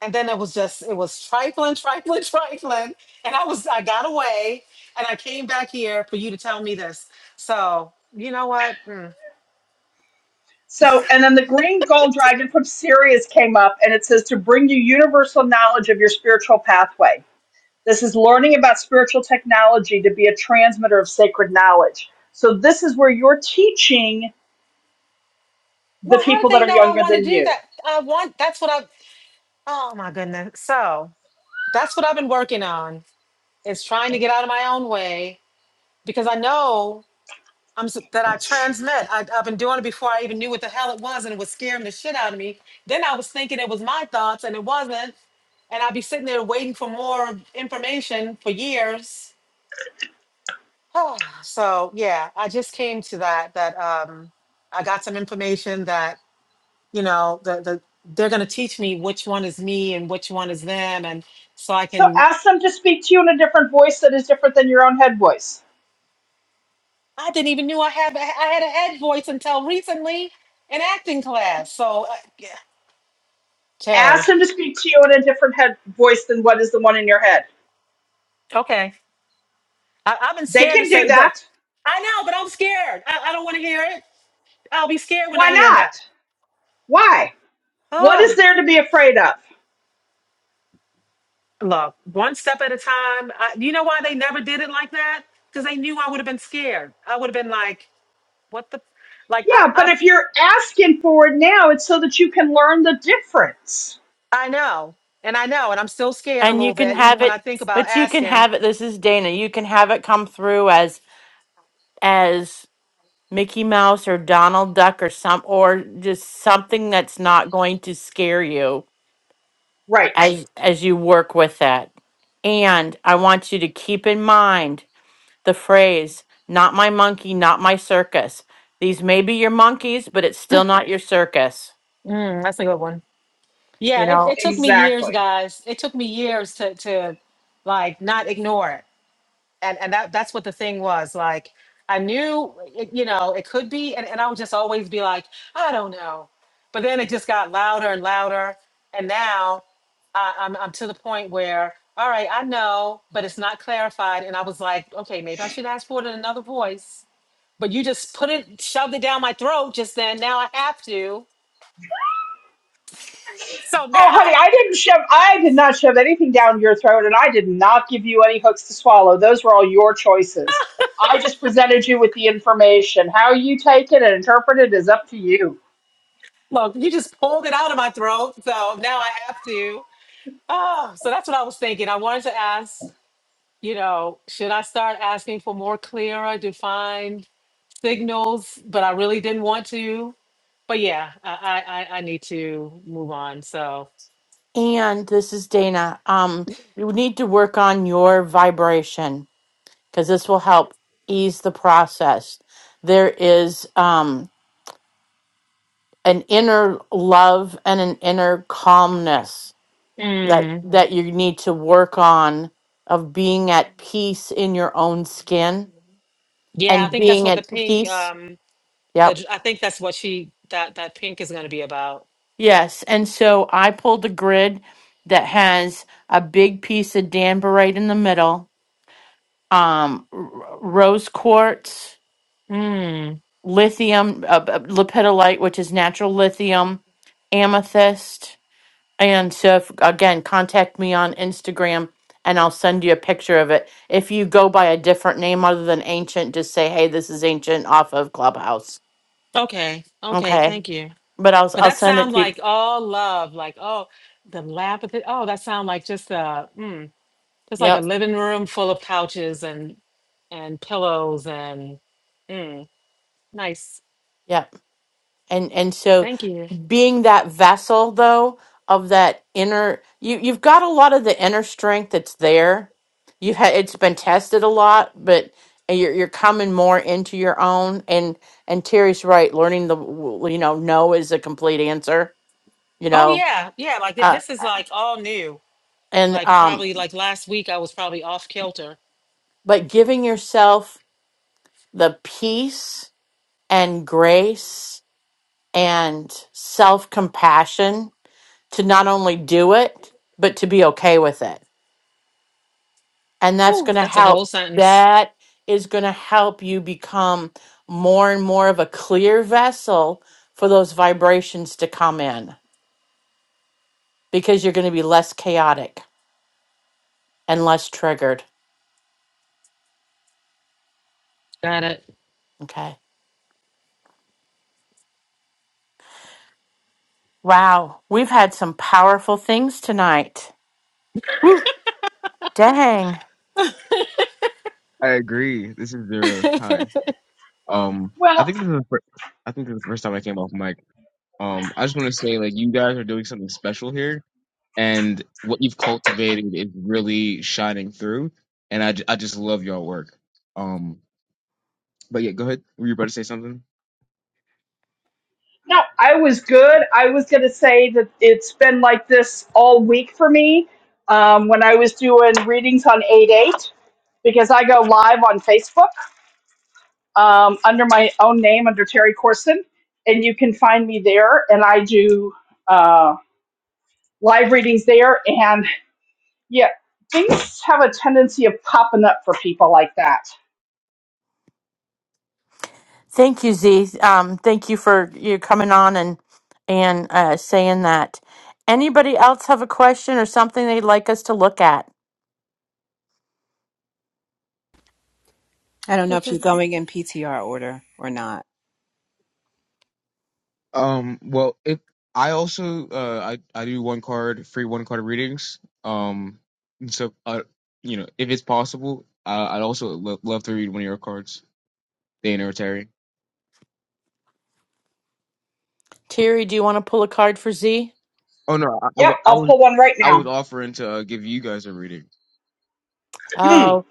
[SPEAKER 8] and then it was just it was trifling trifling [laughs] trifling and i was i got away and i came back here for you to tell me this so you know what Mm.
[SPEAKER 2] So, and then the green gold dragon from Sirius came up, and it says to bring you universal knowledge of your spiritual pathway. This is learning about spiritual technology to be a transmitter of sacred knowledge. So, this is where you're teaching the
[SPEAKER 8] well how
[SPEAKER 2] people
[SPEAKER 8] did
[SPEAKER 2] that
[SPEAKER 8] they
[SPEAKER 2] are
[SPEAKER 8] know i
[SPEAKER 2] younger
[SPEAKER 8] want to
[SPEAKER 2] than
[SPEAKER 8] do
[SPEAKER 2] you.
[SPEAKER 8] that i want that's what i oh my goodness so that's what i've been working on is trying to get out of my own way because i know I'm s- that I transmit. I, I've been doing it before I even knew what the hell it was, and it was scaring the shit out of me. Then I was thinking it was my thoughts, and it wasn't. And I'd be sitting there waiting for more information for years. [sighs] so yeah, I just came to that. That um, I got some information that you know the the they're gonna teach me which one is me and which one is them, and so I
[SPEAKER 2] So
[SPEAKER 8] can.
[SPEAKER 2] ask them to speak to you in a different voice that is different than your own head voice.
[SPEAKER 8] I didn't even knew I have I had a head voice until recently in acting class. So uh, yeah, Terry.
[SPEAKER 2] Ask them to speak to you in a different head voice than what is the one in your head.
[SPEAKER 8] Okay. I, I've been
[SPEAKER 2] They
[SPEAKER 8] scared to
[SPEAKER 2] can do
[SPEAKER 8] say, look,
[SPEAKER 2] that.
[SPEAKER 8] I know, but I'm scared. I, I don't want to hear it. I'll be scared when
[SPEAKER 2] Why
[SPEAKER 8] I hear
[SPEAKER 2] not?
[SPEAKER 8] that.
[SPEAKER 2] Why? What is
[SPEAKER 8] Oh,
[SPEAKER 2] there to be afraid of?
[SPEAKER 8] look, one step at a time. I, you know why they never did it like that? Because they knew I would have been scared. I would have been like, what the, like, I,
[SPEAKER 2] Yeah, but
[SPEAKER 8] I,
[SPEAKER 2] if you're asking for it now, it's so that you can learn the difference.
[SPEAKER 8] I know. And I know, and I'm still scared a
[SPEAKER 1] And you
[SPEAKER 8] little
[SPEAKER 1] can
[SPEAKER 8] bit, even
[SPEAKER 1] have
[SPEAKER 8] when I
[SPEAKER 1] it,
[SPEAKER 8] think about
[SPEAKER 1] but you can
[SPEAKER 8] asking.
[SPEAKER 1] have it. This is Dana. You can have it come through as, as Mickey Mouse or Donald Duck or some or just something that's not going to scare you
[SPEAKER 2] Right.
[SPEAKER 1] as as you work with that. And I want you to keep in mind the phrase not my monkey, not my circus. These may be your monkeys, but it's still not your circus,
[SPEAKER 8] Mm, that's a good one.
[SPEAKER 1] you
[SPEAKER 8] Yeah, it,
[SPEAKER 1] know.
[SPEAKER 8] it took me years,
[SPEAKER 2] Exactly.
[SPEAKER 8] guys. It took me years to, to like not ignore it and and that that's what the thing was like i knew it, you know it could be and, and i would just always be like i don't know but then it just got louder and louder and now I, I'm, I'm to the point where all right i know but it's not clarified and i was like okay maybe i should ask for it in another voice but you just put it shoved it down my throat just then now i have to so
[SPEAKER 2] Oh, honey,
[SPEAKER 8] now
[SPEAKER 2] I didn't shove, I did not shove anything down your throat, and I did not give you any hooks to swallow. Those were all your choices. I just presented you with the information. How you take it and interpret it is up to you.
[SPEAKER 8] [laughs] look you just pulled it out of my throat so now i have to oh so that's what i was thinking i wanted to ask you know, should I start asking for more clearer, defined signals? But I really didn't want to. But yeah, I I, I I need to move on. So
[SPEAKER 1] And this is Dana. Um you need to work on your vibration cuz this will help ease the process. There is um an inner love and an inner calmness that
[SPEAKER 8] mm,
[SPEAKER 1] that you need to work on of being at peace in your own skin
[SPEAKER 8] yeah, I
[SPEAKER 1] and
[SPEAKER 8] think that's
[SPEAKER 1] being
[SPEAKER 8] what the
[SPEAKER 1] at
[SPEAKER 8] pink.
[SPEAKER 1] peace
[SPEAKER 8] Um,
[SPEAKER 1] yep
[SPEAKER 8] the, I think that's what she that that pink is going to be about.
[SPEAKER 1] yes and so i pulled a grid that has a big piece of danbarite in the middle um r- rose quartz
[SPEAKER 8] Mm,
[SPEAKER 1] lithium uh, uh, lepidolite which is natural lithium amethyst And so, if, again, contact me on Instagram and I'll send you a picture of it. If you go by a different name other than Ancient, just say, hey, this is Ancient off of Clubhouse.
[SPEAKER 8] okay, okay,
[SPEAKER 1] Okay.
[SPEAKER 8] thank you.
[SPEAKER 1] But I'll,
[SPEAKER 8] But
[SPEAKER 1] I'll
[SPEAKER 8] that
[SPEAKER 1] send it
[SPEAKER 8] sound
[SPEAKER 1] to you.
[SPEAKER 8] like all love, like oh, the lab. of it- Oh, that sound like just a mm, just like a
[SPEAKER 1] Yep.
[SPEAKER 8] living room full of couches and and pillows and. Nice.
[SPEAKER 1] Yep. And, and so
[SPEAKER 8] Thank you.
[SPEAKER 1] being that vessel though, of that inner, you, you've got a lot of the inner strength that's there. You've had, it's been tested a lot, but you're, you're coming more into your own and, and Terry's right. Learning the, w- you know, no is a complete answer you
[SPEAKER 8] Oh
[SPEAKER 1] know
[SPEAKER 8] yeah, yeah. Like th-
[SPEAKER 1] uh,
[SPEAKER 8] this is like all new.
[SPEAKER 1] and
[SPEAKER 8] Like
[SPEAKER 1] um
[SPEAKER 8] probably like last week I was probably off kilter.
[SPEAKER 1] but giving yourself the peace and grace and self-compassion to not only do it but to be okay with it and that's
[SPEAKER 8] Whew,
[SPEAKER 1] going to
[SPEAKER 8] that's a
[SPEAKER 1] help
[SPEAKER 8] whole sentence.
[SPEAKER 1] that is going to help you become more and more of a clear vessel for those vibrations to come in because you're going to be less chaotic and less triggered
[SPEAKER 8] Got it.
[SPEAKER 1] okay wow we've had some powerful things tonight Dang.
[SPEAKER 9] I agree. This is Zero. Hi. Um, I
[SPEAKER 2] Well,
[SPEAKER 9] think this is the fir- I think this is the first time I came off mic. Um, I just want to say like you guys are doing something special here, and what you've cultivated is really shining through. And I, j- I just love y'all work. Um, but yeah, go ahead. Were you about to say something?
[SPEAKER 2] no, I was good. I was going to say that it's been like this all week for me um, when I was doing readings on 8 8, because I go live on Facebook um, under my own name, under Terry Corson, and you can find me there, and I do. Um, live readings there. And yeah, things have a tendency of popping up for people like that.
[SPEAKER 1] Thank you, Z. Um, thank you for you coming on and and uh, saying that. Anybody else have a question or something they'd like us to look at?
[SPEAKER 10] I don't know
[SPEAKER 5] This
[SPEAKER 10] if you're
[SPEAKER 5] is
[SPEAKER 10] going in PTR order or not.
[SPEAKER 9] Um, well, if I also uh I I do one card free one card readings. Um, and so uh you know if it's possible, uh, I'd also lo- love to read one of your cards, Day and Terry.
[SPEAKER 1] Terry, do you want to pull a card for Z?
[SPEAKER 9] Oh no, I, I
[SPEAKER 2] Yep,
[SPEAKER 9] wa- I
[SPEAKER 2] I'll
[SPEAKER 9] was
[SPEAKER 2] pull one right
[SPEAKER 9] I was
[SPEAKER 2] now.
[SPEAKER 9] offering to uh, give you guys a reading.
[SPEAKER 1] Oh,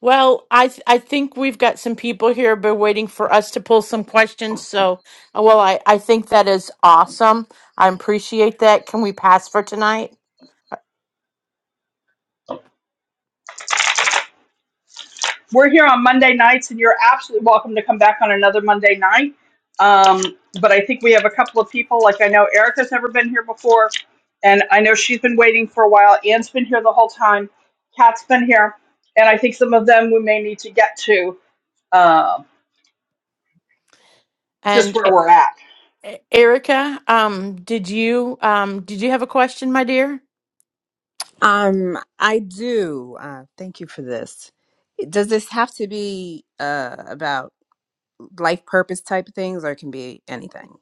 [SPEAKER 1] well, I th- I think we've got some people here been waiting for us to pull some questions. So, uh, well, I I think that is awesome. I appreciate that. Can we pass for tonight?
[SPEAKER 2] We're here on Monday nights, and you're absolutely welcome to come back on another Monday night. Um, but I think we have a couple of people, like I know Erica's never been here before, and I know she's been waiting for a while. Anne's been here the whole time, Kat's been here, and I think some of them we may need to get to uh, just
[SPEAKER 1] And
[SPEAKER 2] where
[SPEAKER 1] E-
[SPEAKER 2] we're at.
[SPEAKER 1] E- Erica, um, did you um did you have a question, my dear?
[SPEAKER 10] Um, I do. Uh, thank you for this. Does this have to be uh, about life purpose type things, or it can be anything?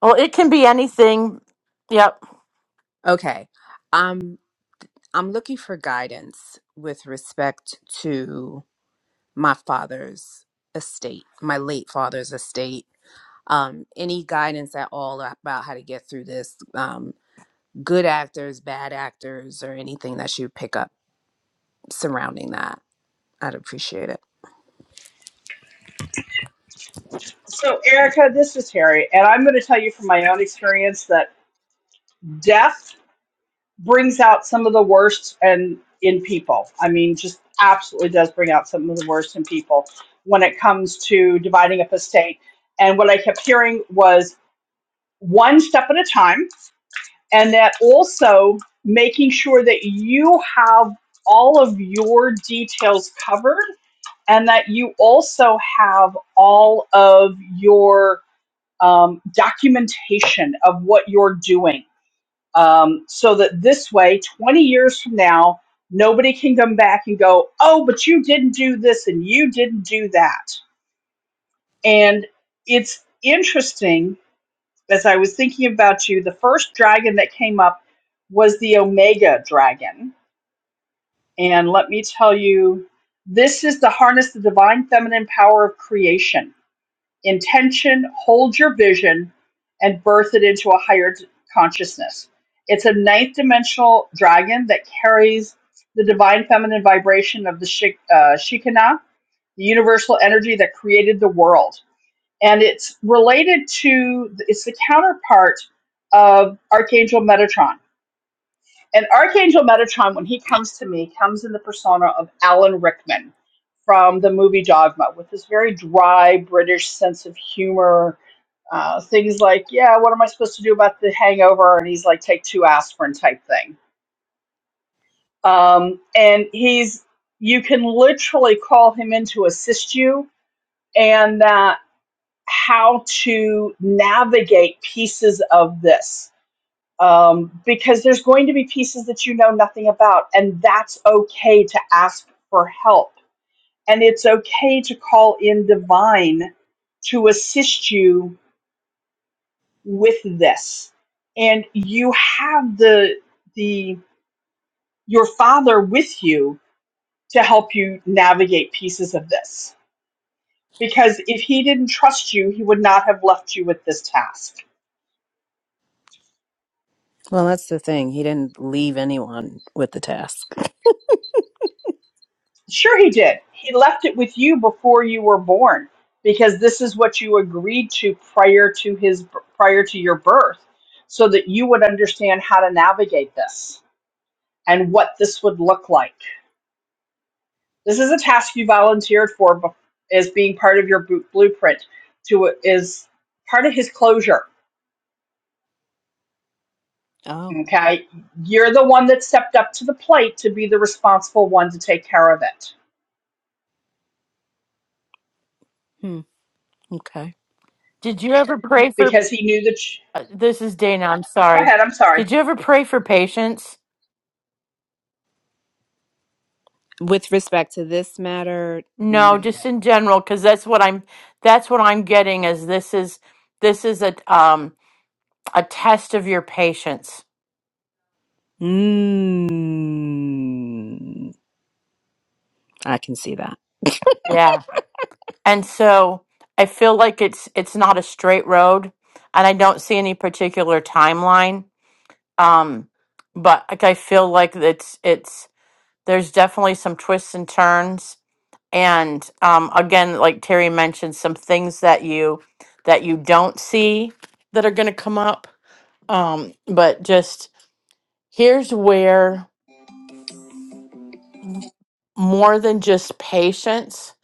[SPEAKER 1] Well, it can be anything. Yep.
[SPEAKER 10] Okay. Um, I'm looking for guidance with respect to my father's estate, my late father's estate. Um, any guidance at all about how to get through this? Um, good actors, bad actors, or anything that you pick up surrounding that? I'd appreciate it.
[SPEAKER 2] So, Erica, this is Harry, and I'm going to tell you from my own experience that death brings out some of the worst and in people. I mean, just absolutely does bring out some of the worst in people when it comes to dividing up a state. And what I kept hearing was one step at a time, and that also making sure that you have all of your details covered and that you also have all of your um, documentation of what you're doing um, so that this way, 20 years from now, nobody can come back and go, oh, but you didn't do this and you didn't do that. And it's interesting, as I was thinking about you, the first dragon that came up was the Omega dragon. And let me tell you, this is to harness the divine feminine power of creation intention, hold your vision, and birth it into a higher d- consciousness. It's a ninth dimensional dragon that carries the divine feminine vibration of the Shik- uh, Shekinah, the universal energy that created the world. And it's related to, it's the counterpart of Archangel Metatron. And Archangel Metatron, when he comes to me, comes in the persona of Alan Rickman from the movie Dogma with this very dry British sense of humor uh, things like, yeah, what am I supposed to do about the hangover? And he's like, take two aspirin type thing. Um, and he's, you can literally call him in to assist you and uh, how to navigate pieces of this. Um, because there's going to be pieces that you know nothing about, and that's okay to ask for help. And it's okay to call in divine to assist you with this and you have the the your father with you to help you navigate pieces of this because if he didn't trust you he would not have left you with this task
[SPEAKER 10] Well, that's the thing. He didn't leave anyone with the task.
[SPEAKER 2] sure he did he left it with you before you were born because this is what you agreed to prior to his prior to your birth so that you would understand how to navigate this and what this would look like This is a task you volunteered for as being part of your blueprint to is part of his closure.
[SPEAKER 10] Oh,
[SPEAKER 2] Okay, you're the one that stepped up to the plate to be the responsible one to take care of it
[SPEAKER 10] hmm. okay.
[SPEAKER 1] Did you ever pray for?
[SPEAKER 2] because he knew that. sh
[SPEAKER 1] uh, This is Dana. I'm
[SPEAKER 2] Go
[SPEAKER 1] sorry.
[SPEAKER 2] ahead. I'm sorry.
[SPEAKER 1] Did you ever pray for patience?
[SPEAKER 10] With respect to this matter,
[SPEAKER 1] No,
[SPEAKER 10] no.
[SPEAKER 1] just in general, because that's what I'm. That's what I'm getting. Is this is this is a um a test of your patience.
[SPEAKER 10] Mm, I can see that.
[SPEAKER 1] Yeah. And so I feel like it's it's not a straight road, and I don't see any particular timeline. Um, but like I feel like it's it's there's definitely some twists and turns and um, again like terry mentioned some things that you that you don't see that are going to come up um, but just here's where m- more than just patience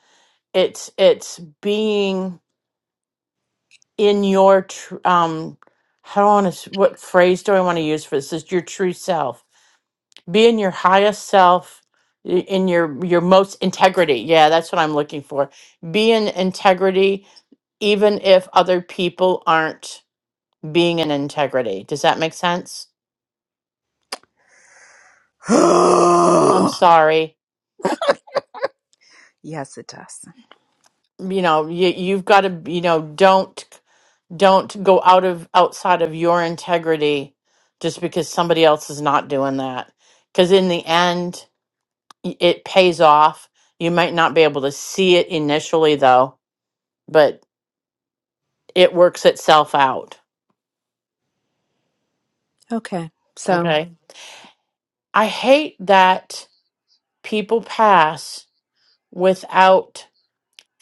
[SPEAKER 1] it's it's being in your tr- um how do i want to what phrase do i want to use for this is your true self be in your highest self i- in your your most integrity yeah that's what i'm looking for be in integrity even if other people aren't being in integrity. Does that make sense? I'm
[SPEAKER 10] [gasps]
[SPEAKER 1] sorry.
[SPEAKER 10] yes, it does.
[SPEAKER 1] You know, you, you've got to, you know, don't don't go out of outside of your integrity just because somebody else is not doing that. Because in the end, y- it pays off. You might not be able to see it initially, though, but it works itself out.
[SPEAKER 10] Okay, so
[SPEAKER 1] Okay. I hate that people pass without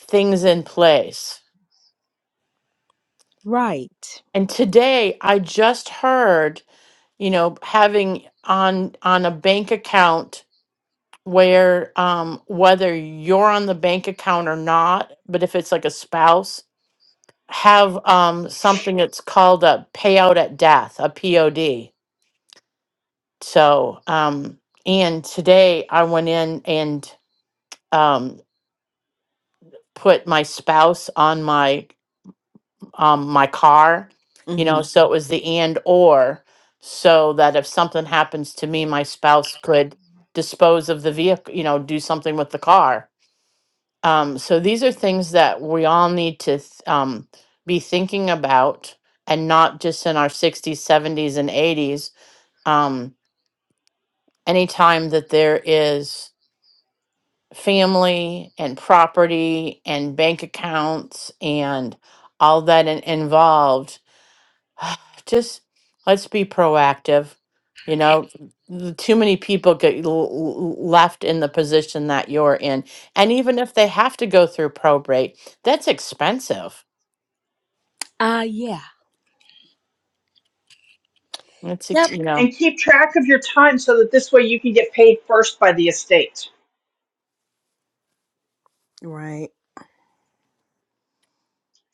[SPEAKER 1] things in place
[SPEAKER 10] right.
[SPEAKER 1] And today I just heard, you know, having on on a bank account where um whether you're on the bank account or not, but if it's like a spouse, have um something that's called a payout at death, a POD. So, um and today I went in and um put my spouse on my um, my car, you
[SPEAKER 10] Mm-hmm.
[SPEAKER 1] know, so it was the and or so that if something happens to me, my spouse could dispose of the vehicle, you know, do something with the car. Um, so these are things that we all need to th- um, be thinking about and not just in our 60s, 70s, and 80s. Um, anytime that there is family and property and bank accounts and all that in- involved, [sighs] just let's be proactive. You know, n- too many people get l- l- left in the position that you're in. And even if they have to go through probate, that's expensive.
[SPEAKER 10] Uh, yeah.
[SPEAKER 1] It's, ex-
[SPEAKER 10] Yep.
[SPEAKER 1] you know,
[SPEAKER 2] And keep track of your time so that this way you can get paid first by the estate
[SPEAKER 10] Right.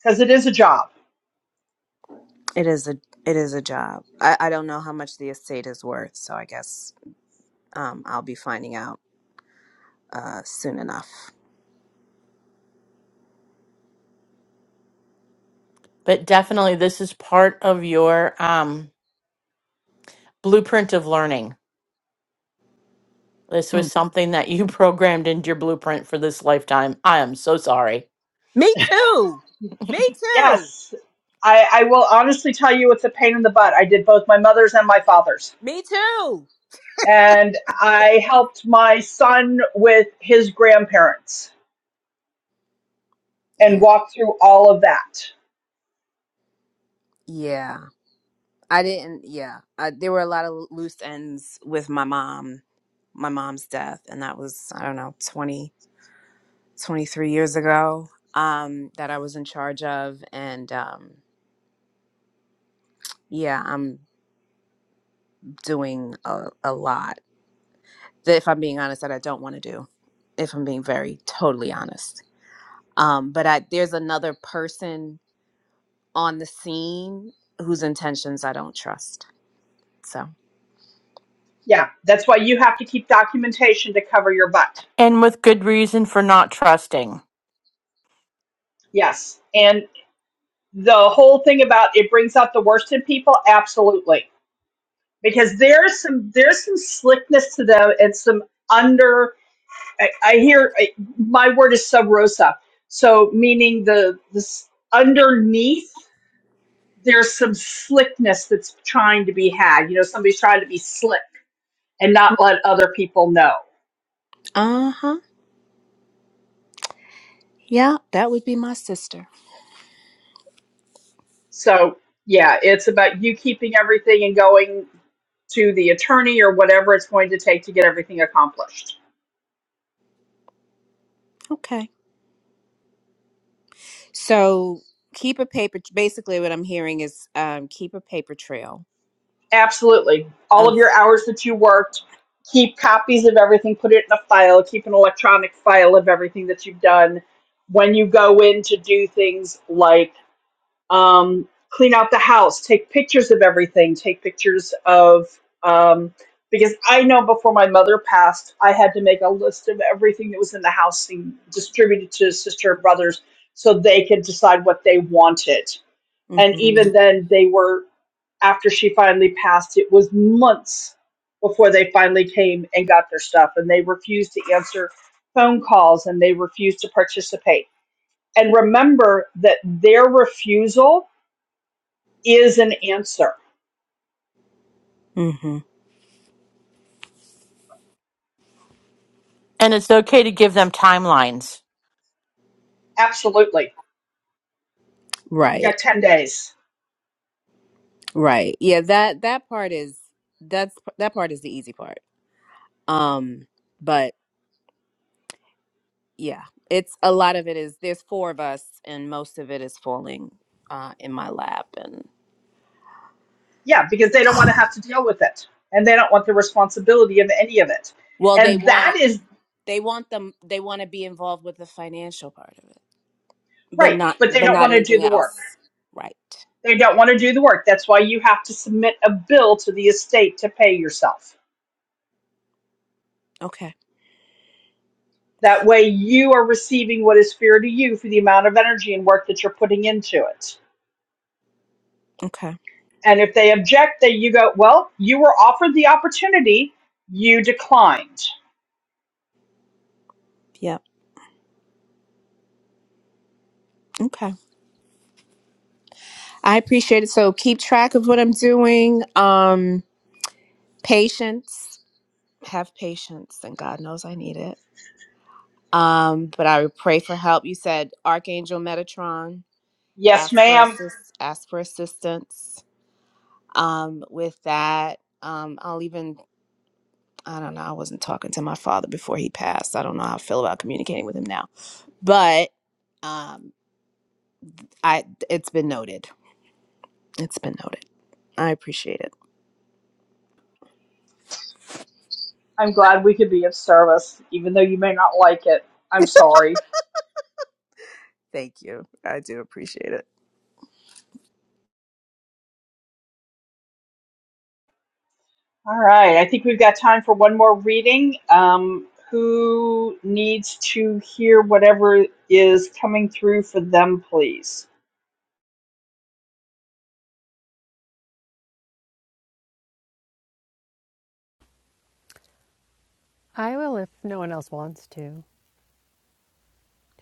[SPEAKER 2] because it is a job.
[SPEAKER 10] It is a it is a job. I, I don't know how much the estate is worth, so I guess um, I'll be finding out. uh, soon enough.
[SPEAKER 1] but definitely this is part of your um, blueprint of learning. This
[SPEAKER 10] Hmm.
[SPEAKER 1] was something that you [laughs] programmed into your blueprint for this lifetime. I am so sorry.
[SPEAKER 10] Me too. Me too.
[SPEAKER 2] Yes, I, I will honestly tell you it's a pain in the butt. I did both my mother's and my father's
[SPEAKER 10] Me too.
[SPEAKER 2] and I helped my son with his grandparents and
[SPEAKER 10] Yeah.
[SPEAKER 2] walked through all of that.
[SPEAKER 10] Yeah. I didn't. Yeah. I, there were a lot of loose ends with my mom, my mom's death. And that was, I don't know, 20 23 years ago um, that I was in charge of. And um, yeah, I'm doing a, a lot that, if I'm being honest, that I don't want to do, if I'm being very totally honest. Um, but I, there's another person on the scene whose intentions I don't trust. So,
[SPEAKER 2] Yeah, that's why you have to keep documentation to cover your butt.
[SPEAKER 1] And with good reason for not trusting.
[SPEAKER 2] Yes. And the whole thing about it brings out the worst in people, absolutely. Because there's some there's some slickness to them and some under I, I hear I, my word is sub rosa. So meaning the this underneath there's some slickness that's trying to be had. You know, somebody's trying to be slick and not let other people know.
[SPEAKER 10] Uh huh. Yeah, that would be my sister.
[SPEAKER 2] So, yeah, it's about you keeping everything and going to the attorney or whatever it's going to take to get everything accomplished.
[SPEAKER 10] Okay. So keep a paper. Basically, what I'm hearing is um, keep a paper trail
[SPEAKER 2] Absolutely. All
[SPEAKER 10] of.
[SPEAKER 2] of your hours that you worked, keep copies of everything, put it in a file, keep an electronic file of everything that you've done. When you go in to do things like um, clean out the house, take pictures of everything, take pictures of, um, because I know before my mother passed, I had to make a list of everything that was in the house and distribute it to sister and brothers so they could decide what they wanted. And
[SPEAKER 10] Mm-hmm,
[SPEAKER 2] even then, they were, after she finally passed, it was months before they finally came and got their stuff. And they refused to answer phone calls and they refused to participate. And remember that their refusal is an answer.
[SPEAKER 10] mm-hmm.
[SPEAKER 1] And it's okay to give them timelines
[SPEAKER 2] Absolutely. You
[SPEAKER 10] Right.
[SPEAKER 2] got 10 days.
[SPEAKER 10] Right. Yeah. That that part is that's that part is the easy part. Um. But yeah, it's a lot of it is there's four of us, and most of it is falling uh, in my lap and.
[SPEAKER 2] Yeah, because they don't want to have to deal with it. And they don't want the responsibility of any of it.
[SPEAKER 10] Well, they
[SPEAKER 2] And
[SPEAKER 10] want.
[SPEAKER 2] that is
[SPEAKER 10] They want them they want to be involved with the financial part of it, but
[SPEAKER 2] right,
[SPEAKER 10] not
[SPEAKER 2] but they
[SPEAKER 10] but
[SPEAKER 2] don't
[SPEAKER 10] not
[SPEAKER 2] want to do
[SPEAKER 10] anything
[SPEAKER 2] the work.
[SPEAKER 10] else. Right.
[SPEAKER 2] They don't want to do the work. That's why you have to submit a bill to the estate to pay yourself.
[SPEAKER 10] Okay.
[SPEAKER 2] That way you are receiving what is fair to you for the amount of energy and work that you're putting into it.
[SPEAKER 10] Okay.
[SPEAKER 2] And if they object, then you go, well, you were offered the opportunity, you declined.
[SPEAKER 10] Yep. Okay. I appreciate it. So keep track of what I'm doing. Um patience. Have patience and God knows I need it. Um, but I would pray for help. You said Archangel Metatron,
[SPEAKER 2] Yes,
[SPEAKER 10] ask for
[SPEAKER 2] ma'am
[SPEAKER 10] assist ask for assistance. Um, with that. Um, I'll even I don't know. I wasn't talking to my father before he passed. I don't know how I feel about communicating with him now. But um I it's been noted. It's been noted. I appreciate it.
[SPEAKER 2] I'm glad we could be of service, even though you may not like it. I'm sorry.
[SPEAKER 10] Thank you. I do appreciate it.
[SPEAKER 2] All right, I think we've got time for one more reading. Um, who needs to hear whatever is coming through for them, please?
[SPEAKER 5] I will if no one else wants to,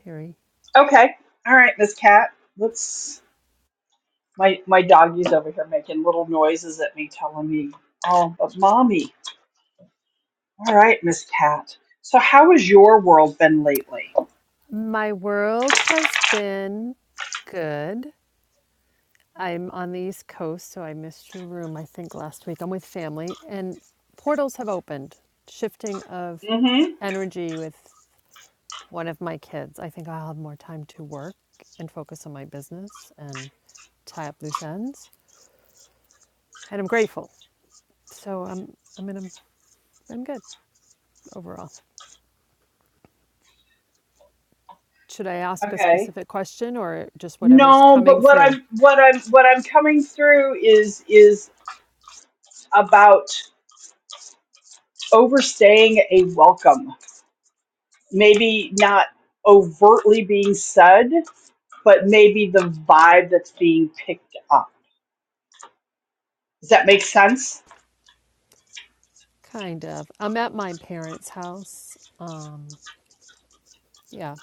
[SPEAKER 5] Terry.
[SPEAKER 2] Okay. All right, Miss Cat. Let's. My my doggy's over here making little noises at me, telling me, "Oh, but mommy." All right, Miss Cat. So, how has your world been lately?
[SPEAKER 5] My world has been good. I'm on the East Coast, so I missed your room, I think, last week. I'm with family, and portals have opened, shifting of
[SPEAKER 2] Mm-hmm.
[SPEAKER 5] energy with one of my kids. I think I'll have more time to work and focus on my business and tie up loose ends, and I'm grateful. So I'm, I mean, I'm, in a, I'm good overall. Should I ask a
[SPEAKER 2] Okay.
[SPEAKER 5] specific question or just whatever's
[SPEAKER 2] No,
[SPEAKER 5] coming
[SPEAKER 2] but what
[SPEAKER 5] through?
[SPEAKER 2] I'm what I'm what I'm coming through is is about overstaying a welcome. Maybe not overtly being said, but maybe the vibe that's being picked up. Does that make sense?
[SPEAKER 5] Kind of. I'm at my parents' house. Um, yeah,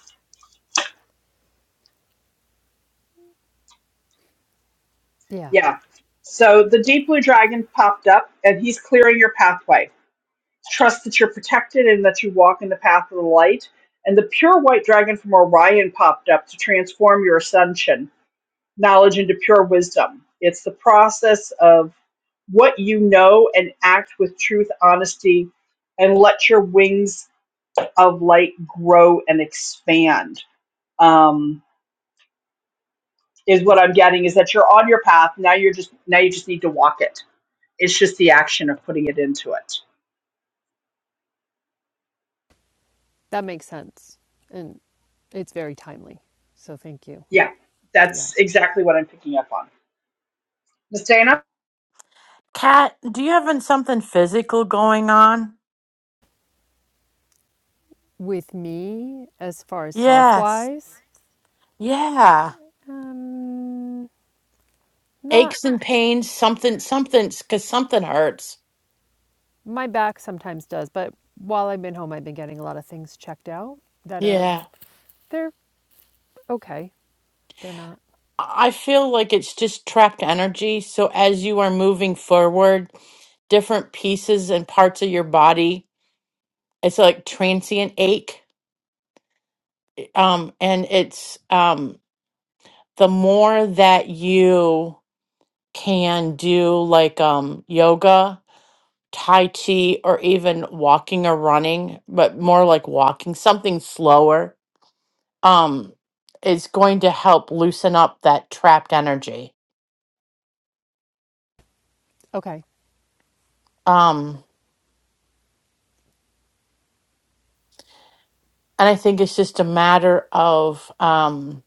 [SPEAKER 5] yeah,
[SPEAKER 2] Yeah. So the deep blue dragon popped up and he's clearing your pathway. Trust that you're protected and that you walk in the path of the light. And the pure white dragon from Orion popped up to transform your ascension knowledge into pure wisdom. It's the process of what you know and act with truth, honesty, and let your wings of light grow and expand. Um, is what I'm getting is that you're on your path now. You're just now you just need to walk it. It's just the action of putting it into it.
[SPEAKER 5] that makes sense. And. It's very timely. So thank you.
[SPEAKER 2] Yeah,
[SPEAKER 5] Yeah.
[SPEAKER 2] that's exactly what I'm picking up on. Miss Dana,
[SPEAKER 1] Kat, do you have something physical going on?
[SPEAKER 5] With me, as far as health
[SPEAKER 1] Yes.
[SPEAKER 5] wise,
[SPEAKER 1] Yeah.
[SPEAKER 5] um, not
[SPEAKER 1] Aches and pains, something, something's because something hurts.
[SPEAKER 5] my back sometimes does, but while I've been home, I've been getting a lot of things checked out that are
[SPEAKER 1] Yeah.
[SPEAKER 5] they're okay. They're not
[SPEAKER 1] I I feel like it's just trapped energy. So as you are moving forward, different pieces and parts of your body, it's like transient ache. Um, and it's um, the more that you can do like um, yoga Tai Chi or even walking or running, but more like walking, something slower, um, is going to help loosen up that trapped energy.
[SPEAKER 5] okay.
[SPEAKER 1] Um, and I think it's just a matter of, um,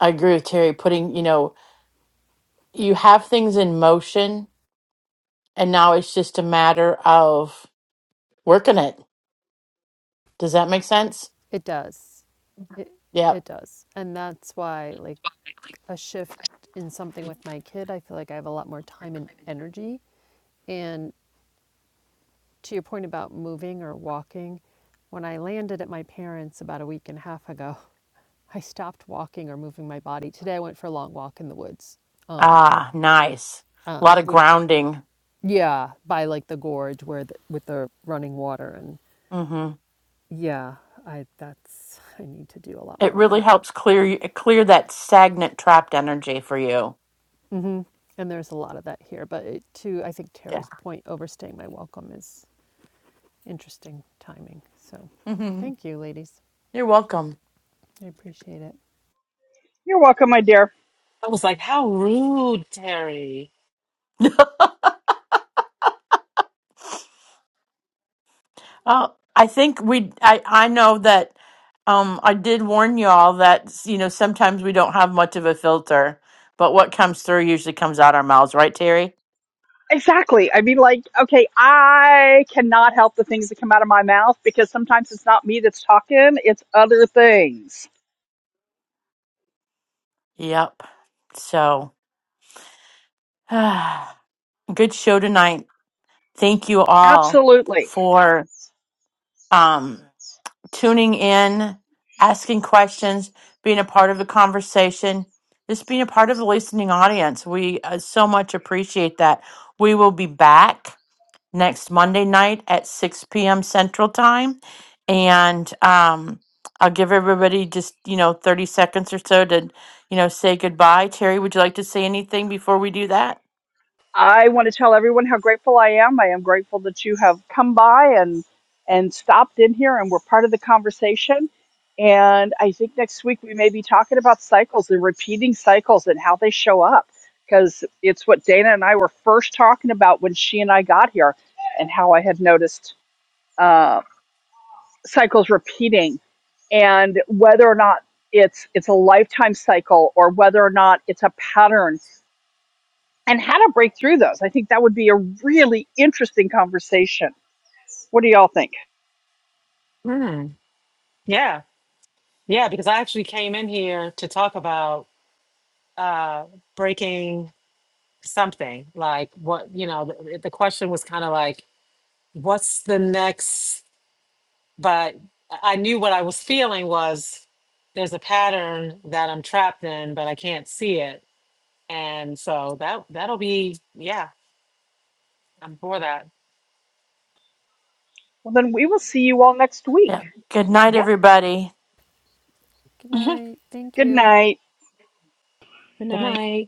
[SPEAKER 1] I agree with Terry, putting, you know, you have things in motion, and now it's just a matter of working it. Does that make sense?
[SPEAKER 5] It does. It
[SPEAKER 1] Yep.
[SPEAKER 5] it does, and that's why like a shift in something with my kid, I feel like I have a lot more time and energy, and to your point about moving or walking, when I landed at my parents' about a week and a half ago, [laughs] I stopped walking or moving my body. Today I went for a long walk in the woods.
[SPEAKER 1] Ah, nice. A
[SPEAKER 5] Um,
[SPEAKER 1] lot of
[SPEAKER 5] which,
[SPEAKER 1] grounding.
[SPEAKER 5] yeah, by like the gorge where the, with the running water and
[SPEAKER 1] Mm-hmm.
[SPEAKER 5] yeah, I that's [laughs] I need to do a lot
[SPEAKER 1] It
[SPEAKER 5] more of
[SPEAKER 1] really
[SPEAKER 5] that.
[SPEAKER 1] helps clear clear that stagnant trapped energy for you.
[SPEAKER 5] hmm And there's a lot of that here, but it, to I think
[SPEAKER 1] Yeah.
[SPEAKER 5] Terry's point, overstaying my welcome is interesting timing. So,
[SPEAKER 1] hmm
[SPEAKER 5] thank you, ladies.
[SPEAKER 1] You're welcome.
[SPEAKER 5] I appreciate it.
[SPEAKER 2] you're welcome, my dear.
[SPEAKER 8] I was like, how rude, Terry.
[SPEAKER 1] Oh, I think we. I I know that. Um, I did warn y'all that you know sometimes we don't have much of a filter, but what comes through usually comes out our mouths, right, Terry?
[SPEAKER 2] Exactly. I mean, like, okay, I cannot help the things that come out of my mouth because sometimes it's not me that's talking, it's other things.
[SPEAKER 1] Yep. So, [sighs] good show tonight. Thank you all
[SPEAKER 2] Absolutely.
[SPEAKER 1] for um. tuning in, asking questions, being a part of the conversation, just being a part of the listening audience. We uh, so much appreciate that. We will be back next Monday night at 6 p.m. Central Time. And um, I'll give everybody just, you know, 30 seconds or so to, you know, say goodbye. Terry, would you like to say anything before we do that?
[SPEAKER 2] I want to tell everyone how grateful I am. I am grateful that you have come by and and stopped in here and were part of the conversation. And I think next week we may be talking about cycles and repeating cycles and how they show up because it's what Dana and I were first talking about when she and I got here and how I had noticed Um, cycles repeating and whether or not it's it's a lifetime cycle or whether or not it's a pattern and how to break through those i think that would be a really interesting conversation what do y'all think
[SPEAKER 8] Hmm. Yeah. Yeah, because I actually came in here to talk about uh breaking something. Like what, you know, the, the question was kind of like, what's the next but I I knew what I was feeling was there's a pattern that I'm trapped in, but I can't see it. And so that that'll be yeah, I'm for that.
[SPEAKER 2] well then we will see you all next week
[SPEAKER 1] Yeah. Good night,
[SPEAKER 8] Yep.
[SPEAKER 1] everybody.
[SPEAKER 5] Good
[SPEAKER 8] [laughs] Good
[SPEAKER 5] night. Thank
[SPEAKER 2] good
[SPEAKER 5] you.
[SPEAKER 2] night
[SPEAKER 10] Good night.
[SPEAKER 8] night.